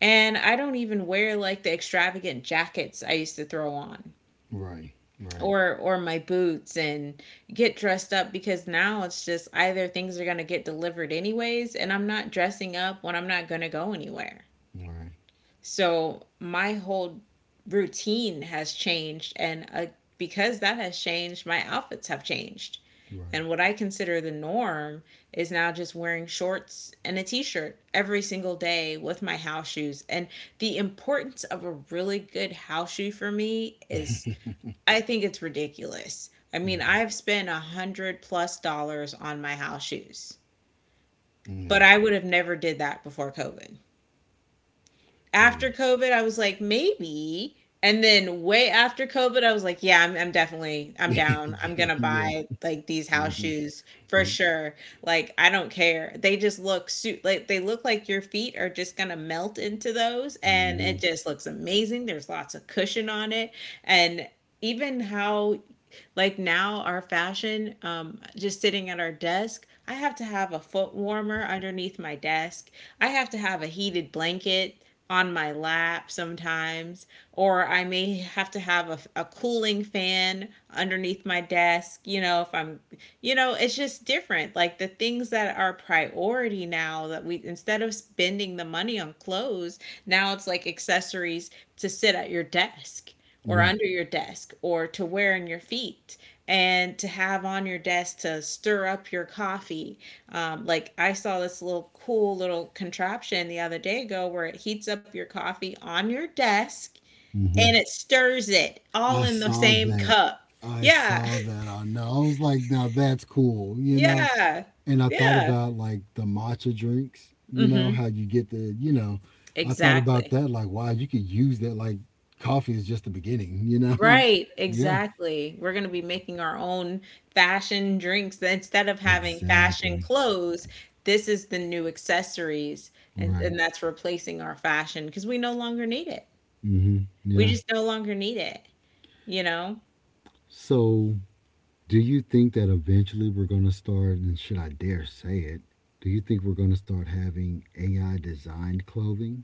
And I don't even wear like the extravagant jackets I used to throw on, Right. Right. or my boots, and get dressed up because now it's just either things are going to get delivered anyways and I'm not dressing up when I'm not going to go anywhere. Right. So my whole routine has changed and because that has changed, my outfits have changed. Right. And what I consider the norm is now just wearing shorts and a t shirt every single day with my house shoes. And the importance of a really good house shoe for me is, I think it's ridiculous. I mean, Right. I've spent 100 plus dollars on my house shoes, Yeah. but I would have never did that before COVID. Yeah. After COVID, I was like, maybe. And then way after COVID, I was like, yeah, I'm definitely, I'm down. I'm Yeah. gonna Yeah. buy like these house Hmm. shoes for sure. Like, I don't care. They just look suit, like they look like your feet are just gonna melt into those, and Hmm. it just looks amazing. There's lots of cushion on it, and even how, like, now, our fashion, just sitting at our desk, I have to have a foot warmer underneath my desk. I have to have a heated blanket on my lap sometimes, or I may have to have a cooling fan underneath my desk, you know, if I'm, you know, it's just different. Like the things that are priority now that we, instead of spending the money on clothes, now it's like accessories to sit at your desk or Right. under your desk or to wear on your feet and to have on your desk to stir up your coffee. Like I saw this little cool little contraption the other day ago where it heats up your coffee on your desk Hmm. and it stirs it all I in the saw same that. cup. I Yeah, saw that. I know. I was like, now that's cool. You know. yeah, And I thought yeah. about like the matcha drinks, you know, Hmm. how you get the. I thought about Exactly. that like, wow, you could use that like coffee is just the beginning, you know? Right, Yeah. exactly. We're going to be making our own fashion drinks instead of having fashion Exactly. clothes. This is the new accessories, and, Right. and that's replacing our fashion because we no longer need it. Mm-hmm. We Yeah. just no longer need it. You know, So, do you think that eventually we're going to start, and should I dare say it, do you think we're going to start having AI designed clothing?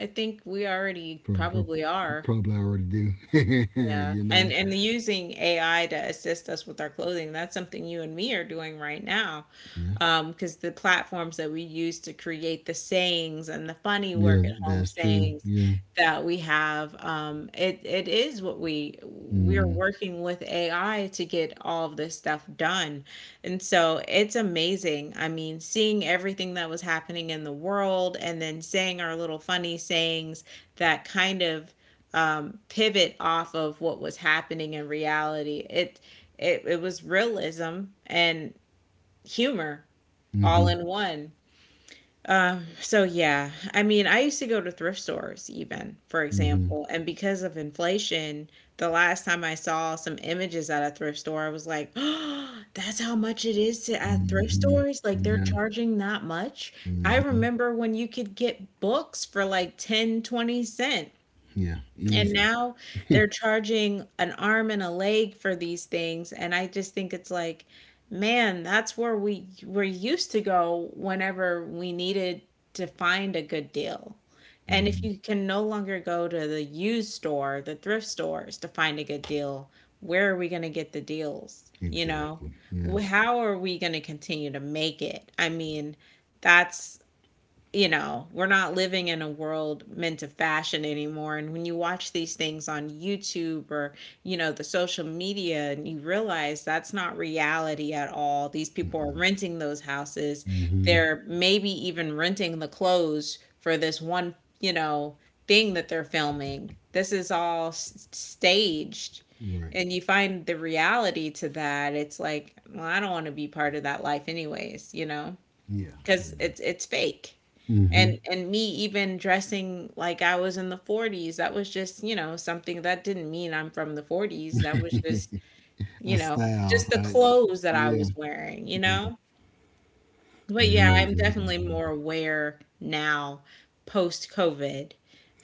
I think we already Pro- pro- probably are. Probably already do. Yeah, You and know? and using AI to assist us with our clothing, that's something you and me are doing right now. Yeah. Because the platforms that we use to create the sayings and the funny Yeah, work at home that's true. sayings Yeah. that we have, it is what we're Mm working with AI to get all of this stuff done. And so it's amazing. I mean, seeing everything that was happening in the world and then saying our little funny sayings that kind of pivot off of what was happening in reality. It was realism and humor hmm. Mm all hmm. in one. So yeah, I mean, I used to go to thrift stores even, for Mhm. example, and because of inflation, the last time I saw some images at a thrift store, I was like, oh, that's how much it is to at thrift Mhm. stores. Like they're Yeah. charging that much. I Mhm. remember when you could get books for like ten, 20 cents Yeah. and Easy. now they're charging an arm and a leg for these things, and I just think it's like, man, that's where we were used to go whenever we needed to find a good deal. And if Mhm. you can no longer go to the used store, the thrift stores to find a good deal, where are we going to get the deals? You know, Exactly. Yeah. how are we going to continue to make it? I mean, that's you know, we're not living in a world meant to fashion anymore. And when you watch these things on YouTube or, you know, the social media, and you realize that's not reality at all. These people are Mm-mm. renting those houses. Mhm. They're maybe even renting the clothes for this one, you know, thing that they're filming. This is all staged. Right. And you find the reality to that. It's like, well, I don't want to be part of that life, anyways, you know, Yeah. because Yeah. it's fake Mhm. and me even dressing like I was in the 40s, that was just, you know, something that didn't mean I'm from the 40s, that was just, you A know, style, just the right? clothes that I Yeah. was wearing, you Yeah. know, but Yeah. I yeah, know I'm exactly what definitely you mean. more aware now post COVID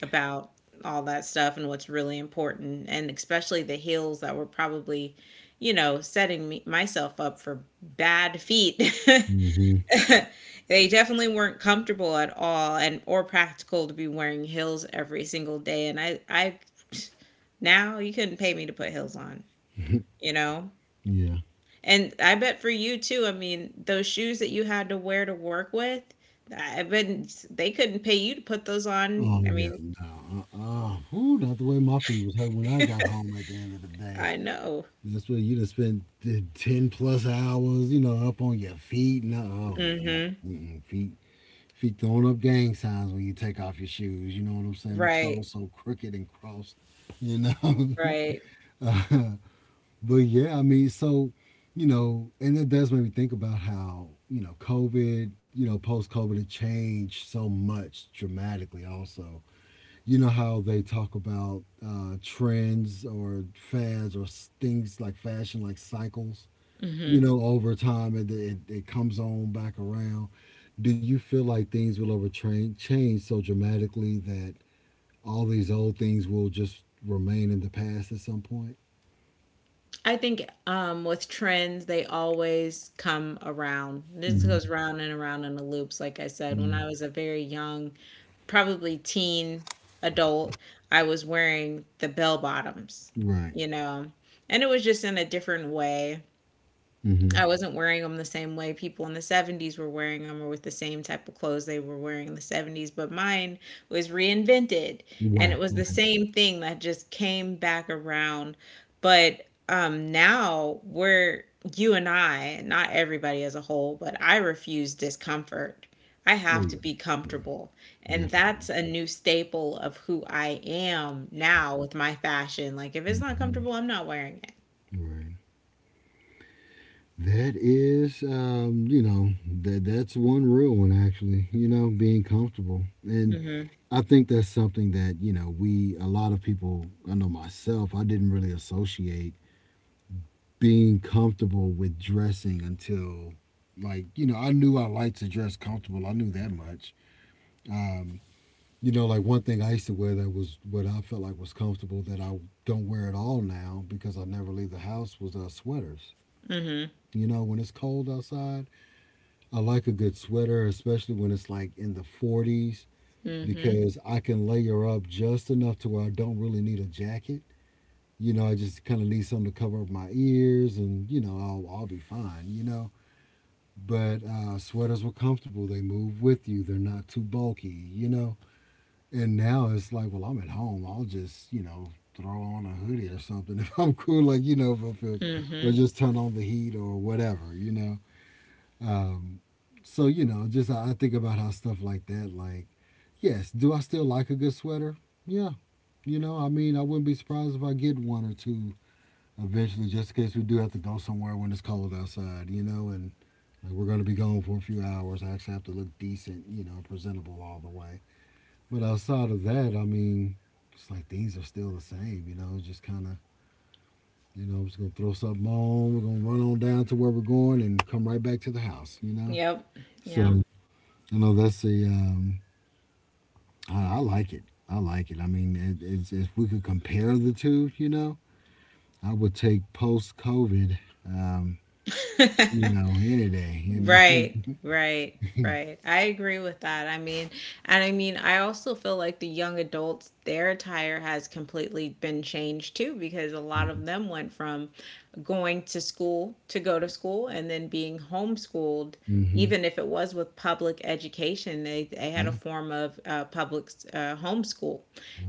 about all that stuff and what's really important, and especially the heels that were probably, you know, setting me myself up for bad feet. Mhm. They definitely weren't comfortable at all and or practical to be wearing heels every single day, and I, now you couldn't pay me to put heels on, you know, Yeah. and I bet for you too. I mean those shoes that you had to wear to work with, I bet they couldn't pay you to put those on. Oh I yeah. mean, No. Ooh, not the way my feet was hurt when I got home at the end of the day. I know. That's where you done spent the 10-plus hours, up on your feet. No. Oh, no. Mhm. Mm-mm. Feet. If throwing up gang signs when you take off your shoes, you know what I'm saying? Them Right. toes so crooked and crossed, you know. Right. But yeah, I mean, so and it does make me think about how COVID, post COVID, it changed so much dramatically. Also, you know how they talk about trends or fads or things like fashion, like cycles, Mhm. Over time and it comes on back around. Do you feel like things will ever change so dramatically that all these old things will just remain in the past at some point? I think, with trends, they always come around. This goes round and around in the loops. Like I said, when I was a very young, probably teen adult, I was wearing the bell bottoms, Right. you know, and it was just in a different way. Mm-hmm. I wasn't wearing them the same way people in the 70s were wearing them or with the same type of clothes they were wearing in the 70s, but mine was reinvented and it Right. was the Right. same thing that just came back around. But now we're, you and I, not everybody as a whole, but I refuse discomfort. I Oh have to yeah. be Yeah. comfortable. And that's Definitely. a new staple of who I am now with my fashion. Like if it's not Mm-hmm. comfortable, I'm not wearing it. Right. That is, that's one real one actually. You know, being comfortable, and Mhm. I think that's something that you know we a lot of people. I know myself. I didn't really associate being comfortable with dressing until, like, I knew I liked to dress comfortable. I knew that much. Um, like one thing I used to wear that was what I felt like was comfortable that I don't wear at all now because I never leave the house was sweaters. Mhm. You know, when it's cold outside I like a good sweater, especially when it's like in the 40s, Mhm. because I can layer up just enough to where I don't really need a jacket. You know, I just kind of need something to cover up my ears, and I'll be fine. You know, but sweaters were comfortable. They move with you. They're not too bulky. You know, and now it's like, well, I'm at home. I'll just throw on a hoodie or something if I'm cool. Like, if I feel, or Mhm. just turn on the heat or whatever. You know, um, so just I think about how stuff like that. Like, yes, do I still like a good sweater? Yeah, I mean, I wouldn't be surprised if I get one or two eventually, just in case we do have to go somewhere when it's cold outside. You know, and like we're going to be gone for a few hours. I actually have to look decent, presentable all the way. But outside of that, I mean, it's like things are still the same. You know, just kind of. You know, I'm just gonna throw something on. We're gonna run on down to where we're going and come right back to the house. You know, Yep. Yep. so. You know, I like it. I like it. I mean, it's, if we could compare the two, you know, I would take post COVID, um, any day. You know. Right. Right. Right. I agree with that. I mean, and I mean, I also feel like the young adults, their attire has completely been changed too, because a lot of them went from going to school to go to school and then being homeschooled, Mm-hmm. even if it was with public education, they had Yeah. a form of public homeschool.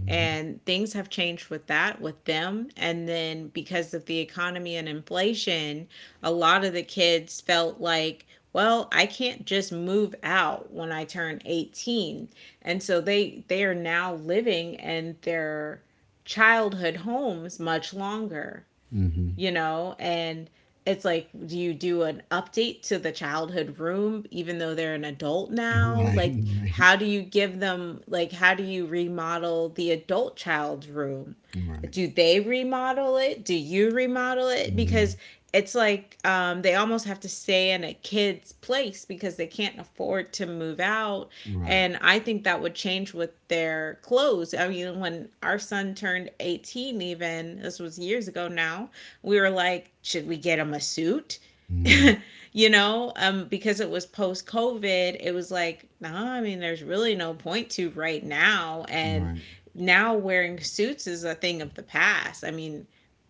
And things have changed with that, with them. And then because of the economy and inflation, a lot of the kids felt like, well, I can't just move out when I turn 18. And so they are now living in their childhood homes much longer, Mm-hmm. you know? And it's like, do you do an update to the childhood room even though they're an adult Mm-hmm. now? Like, Right. how do you give them, like, how do you remodel the adult child's room? Right. Right. Do they remodel it? Do you remodel it? Mm-hmm. Because it's like they almost have to stay in a kid's place because they can't afford to move out. Right. And I think that would change with their clothes. I mean, when our son turned 18, even this was years ago now, we were like, should we get him a suit? Mm-hmm. You know, because it was post COVID, it was like, no, nah, I mean, there's really no point to right now. And Right. now wearing suits is a thing of the past. I mean,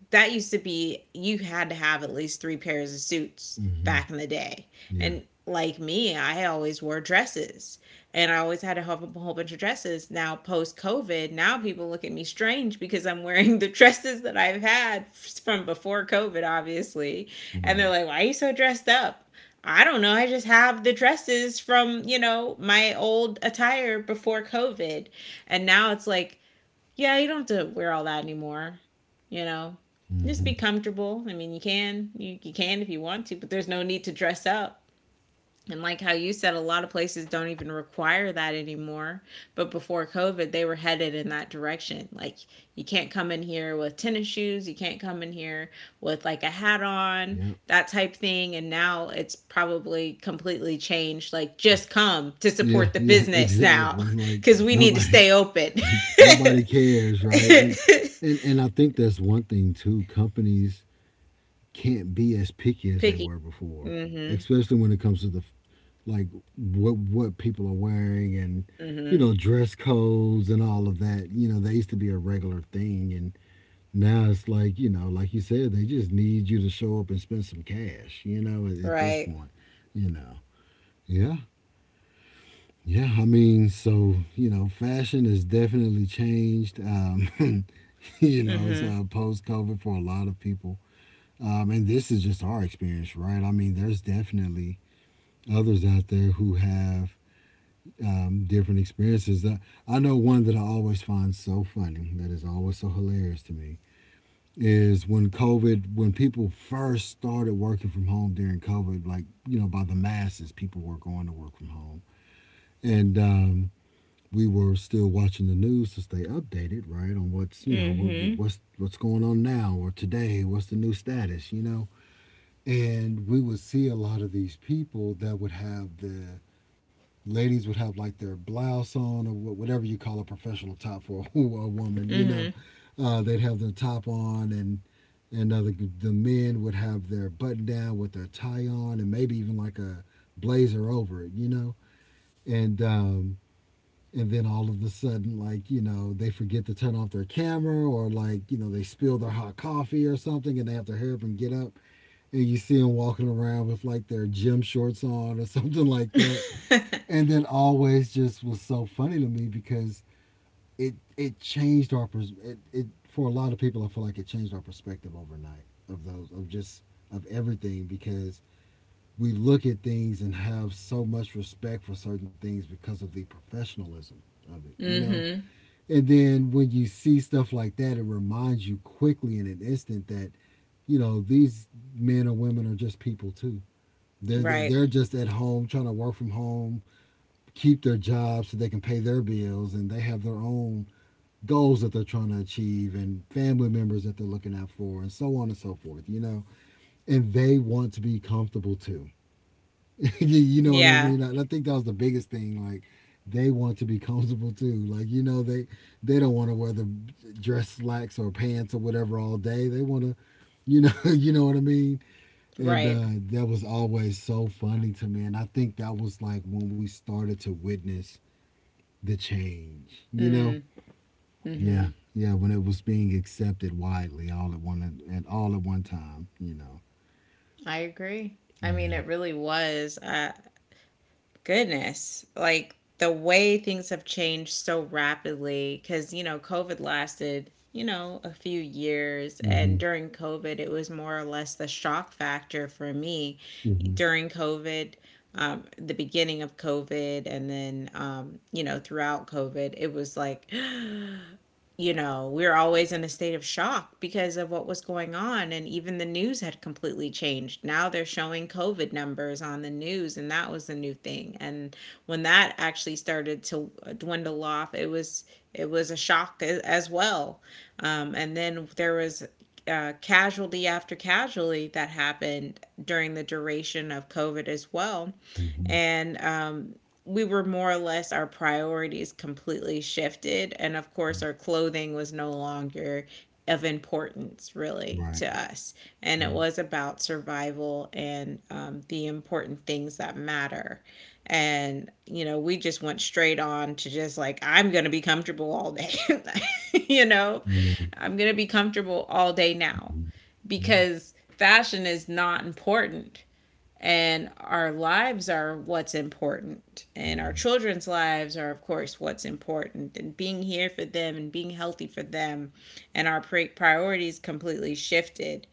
that used to be you had to have at least three pairs of suits Mm-hmm. back in the day. Yeah. And like me, I always wore dresses and I always had to have a whole bunch of dresses. Now, post COVID, now people look at me strange because I'm wearing the dresses that I've had from before COVID, obviously. And they're Right. like, why are you so dressed up? I don't know. I just have the dresses from, you know, my old attire before COVID. And now it's like, yeah, you don't have to wear all that anymore. You know, just Mm-hmm. be comfortable. I mean, you can, you can if you want to, but there's no need to dress up. And like how you said, a lot of places don't even require that anymore. But before COVID, they were headed in that direction. Like, you can't come in here with tennis shoes, you can't come in here with like a hat on, Yep. that type thing. And now it's probably completely changed. Like, just come to Yeah. support the Yeah. business now Exactly. Like because we need to nobody, stay open. nobody cares, right? And and and I think that's one thing too. Companies can't be as picky as they Picky. were before, Mm-hmm. especially when it comes to the like what people are wearing and Mm-hmm. Dress codes and all of that. You know, they used to be a regular thing, and now it's like like you said, they just need you to show up and spend some cash. You know, at this Right. point, you know, yeah. Yeah, I mean, so fashion has definitely changed. So, Mm-hmm. Post COVID for a lot of people. And this is just our experience, right? I mean, there's definitely others out there who have different experiences. That I know one that I always find so funny, that is always so hilarious to me, is when people first started working from home during COVID, like, by the masses, people were going to work from home. And, we were still watching the news to stay updated, right, on what's you know what, Mm-hmm. What's going on now or today, what's the new status, you know, and we would see a lot of these people that would have the ladies would have like their blouse on or whatever you call a professional top for a woman, you know. They'd have their top on and and uh, the, the men would have their button down with their tie on and maybe even like a blazer over it, you know. And um and then all of a sudden like they forget to turn off their camera or like they spill their hot coffee or something and they have to hurry up and get up and you see them walking around with like their gym shorts on or something like that. And then always just was so funny to me because it changed our pers- it for a lot of people I feel like it changed our perspective overnight of those of just of everything because we look at things and have so much respect for certain things because of the professionalism of it, you know? Mm-hmm. And then when you see stuff like that, it reminds you quickly in an instant that, these men or women are just people too. they're, Right. they're just at home trying to work from home, keep their jobs so they can pay their bills, and they have their own goals that they're trying to achieve and family members that they're looking out for and so on and so forth, you know. And they want to be comfortable too. You know what I Yeah. mean. And I think that was the biggest thing. Like, they want to be comfortable too, like they don't want to wear the dress slacks or pants or whatever all day. They want to you know what I mean. And Right. That was always so funny to me. And I think that was like when we started to witness the change, you know? Mm. Yeah. Hmm. Yeah, when it was being accepted widely all at one and all at one time, you know. I agree. I mean, Yeah. it really was. Goodness, like the way things have changed so rapidly. Because you know, COVID lasted you know a few years, and Hmm. during COVID, it was more or less the shock factor for me Hmm. during COVID, the beginning of COVID, and then, you know, throughout COVID, it was like, you know, we were always in a state of shock because of what was going on. And even the news had completely changed. Now they're showing COVID numbers on the news, and that was the new thing. And when that actually started to dwindle off, it was a shock as well. And then there was casualty after casualty that happened during the duration of COVID as well. Hmm. And we were more or less, our priorities completely shifted, and of course our clothing was no longer of importance really to Right. us, and it Mm. was about survival and the important things that matter, and you know we just went straight on to just like, I'm gonna be comfortable all day. You know, I know. I'm gonna be comfortable all day now, Hmm. Yeah. because fashion is not important and our lives are what's important, and our children's lives are of course what's important, and being here for them and being healthy for them, and our priorities completely shifted.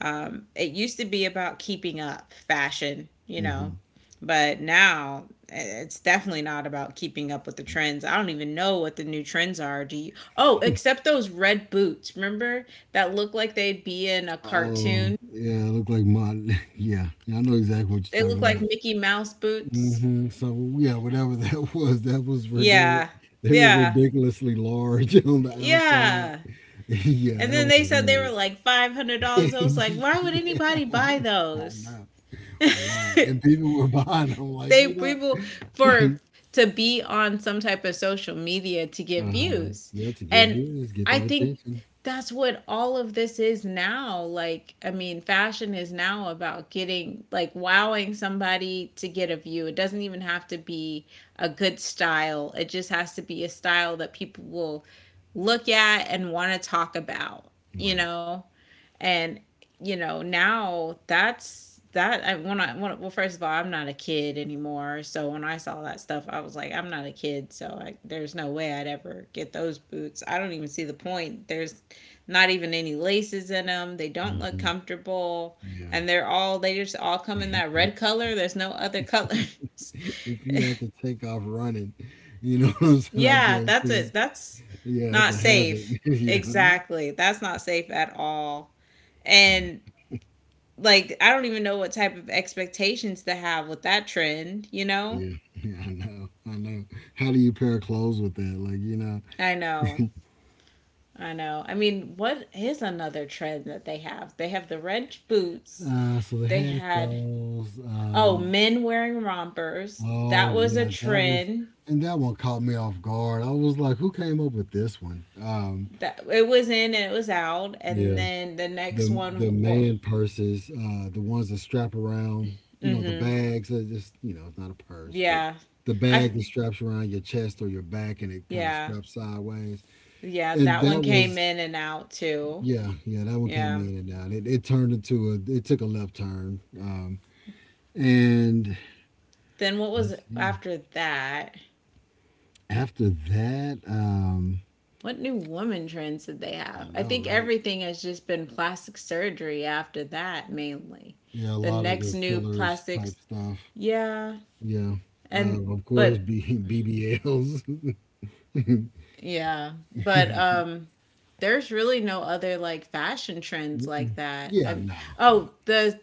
It used to be about keeping up fashion, you know, Hmm. but now it's definitely not about keeping up with the trends. I don't even know what the new trends are. Do you? Oh, except those red boots. Remember that, look like they'd be in a Oh, cartoon? yeah, look like my yeah. I know exactly what They you're look talking like about. Mickey Mouse boots. Hmm. So yeah, whatever that was, that was rid- Yeah. they were Yeah. ridiculously large on the outside. Yeah. Yeah, And that then they was said they were weird. like $500. I was like, why would Yeah, anybody buy I those? know why. And people were buying them, like, They you know. people for to be on some type of social media to get Uh-huh. views. Yeah, to give And you is get I that think attention, that's what all of this is now. Like, I mean, fashion is now about getting, like, wowing somebody to get a view. It doesn't even have to be a good style, it just has to be a style that people will look at and want to talk about, you right? know? And you know now that's that, well first of all I'm not a kid anymore, so when I saw that stuff I was like, I'm not a kid, so I, there's no way I'd ever get those boots. I don't even see the point, there's not even any laces in them, they don't look Hmm. comfortable, Yeah. and they're all, they just all come in that red color, there's no other colors. If you had to take off running, you know what I'm saying. I Yeah, that's guarantee it, it's that's yeah, it's not a hazard. safe, Yeah, exactly, that's not safe at all. And like I don't even know what type of expectations to have with that trend, you know? Yeah, yeah, I know, I know. How do you pair clothes with that? Like, you know. I know. I know. I mean, what is another trend that they have? They have the red boots. So they They had had, those. oh, men wearing rompers. Oh That was a yeah, that was, trend. and that one caught me off guard. I was like, who came up with this one? That, it was in and it was out. And Yeah, then the next the one, well, man purses, the ones that strap around, the mhm. bags. It's just, it's not a purse, but Yeah. the I bag that straps around your chest or your back, and it kind of yeah. straps sideways. Yeah, And that one that came was in and out too. Yeah, yeah, that one came Yeah. in and out. It turned into it took a left turn. And Then what was let's see. after that? After that, What new woman trends did they I have? I know, think right? everything has just been plastic surgery after that, mainly. Yeah, a The lot of the next new fillers type plastics, stuff. yeah, Yeah. and Of course, but BBLs. yeah, but there's really no other like fashion trends like that. Yeah, I, no. Like, oh, the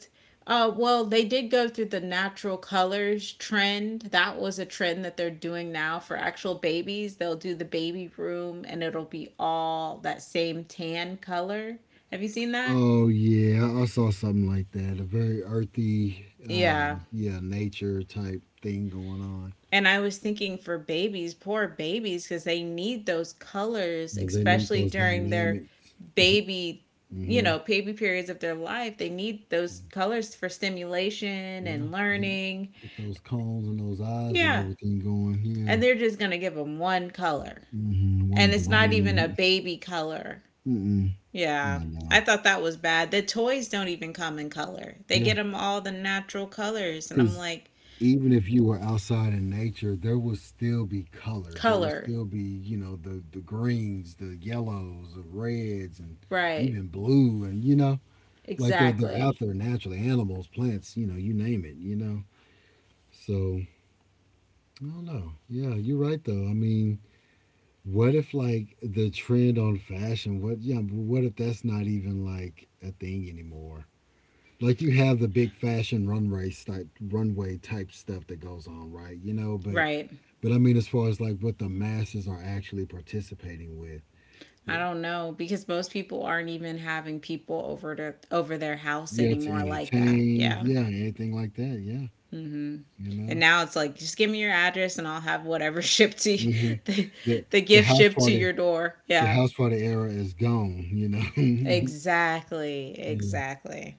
well, they did go through the natural colors trend. That was a trend that they're doing now for actual babies. They'll do the baby room and it'll be all that same tan color. Have you seen that? oh, yeah, I saw something like that. A very earthy, Yeah. Yeah, nature type thing going on. And I was thinking, for babies, poor babies, because they need those colors, Yeah, they need especially those during their dynamics. baby, you Mm-hmm. know, baby periods of their life. They need those colors for stimulation Yeah, and get learning. get those cones and those eyes and Yeah. everything going. Yeah, And they're just going to give them one color. hmm one And it's not even a blind. baby color. Mm-mm. Yeah. I know. I thought that was bad. The toys don't even come in color, they Yeah, get them all the natural colors. And I'm because like, even if you were outside in nature, there would still be colors. There would color. still be the greens, the yellows, the reds, and Right. even blue. And like they're Exactly. out there naturally. Animals, plants, you name it. You know. So I don't know. Yeah, you're right though. I mean, what if like the trend on fashion? What Yeah? What if that's not even like a thing anymore? Like you have the big fashion runway type stuff that goes on, right? You know, but Right. but I mean, as far as like what the masses are actually participating with, I don't know because most people aren't even having people over to over their house yeah, to anymore like that. entertain, Yeah. yeah, anything like that, yeah, Mhm. you And know. now it's like, just give me your address and I'll have whatever shipped to you, Hmm. the, The the the gift house shipped to your party door. the Yeah. house party era is gone, you know. Exactly. Yeah. Exactly.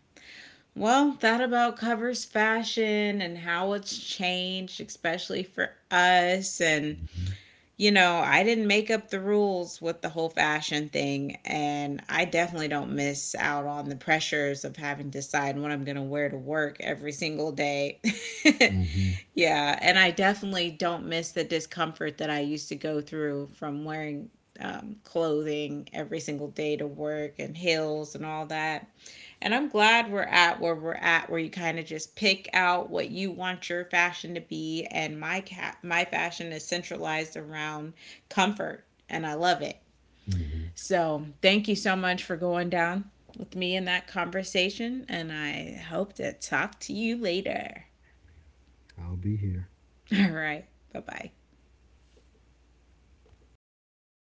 Well, that about covers fashion and how it's changed, especially for us, and you know, I didn't make up the rules with the whole fashion thing, and I definitely don't miss out on the pressures of having to decide what I'm going to wear to work every single day. Hmm. Yeah, and I definitely don't miss the discomfort that I used to go through from wearing clothing every single day to work and heels and all that. And I'm glad we're at, where you kind of just pick out what you want your fashion to be. And my cat, my fashion is centralized around comfort, and I love it. Hmm. So thank you so much for going down with me in that conversation, and I hope to talk to you later. I'll be here. All right, bye bye.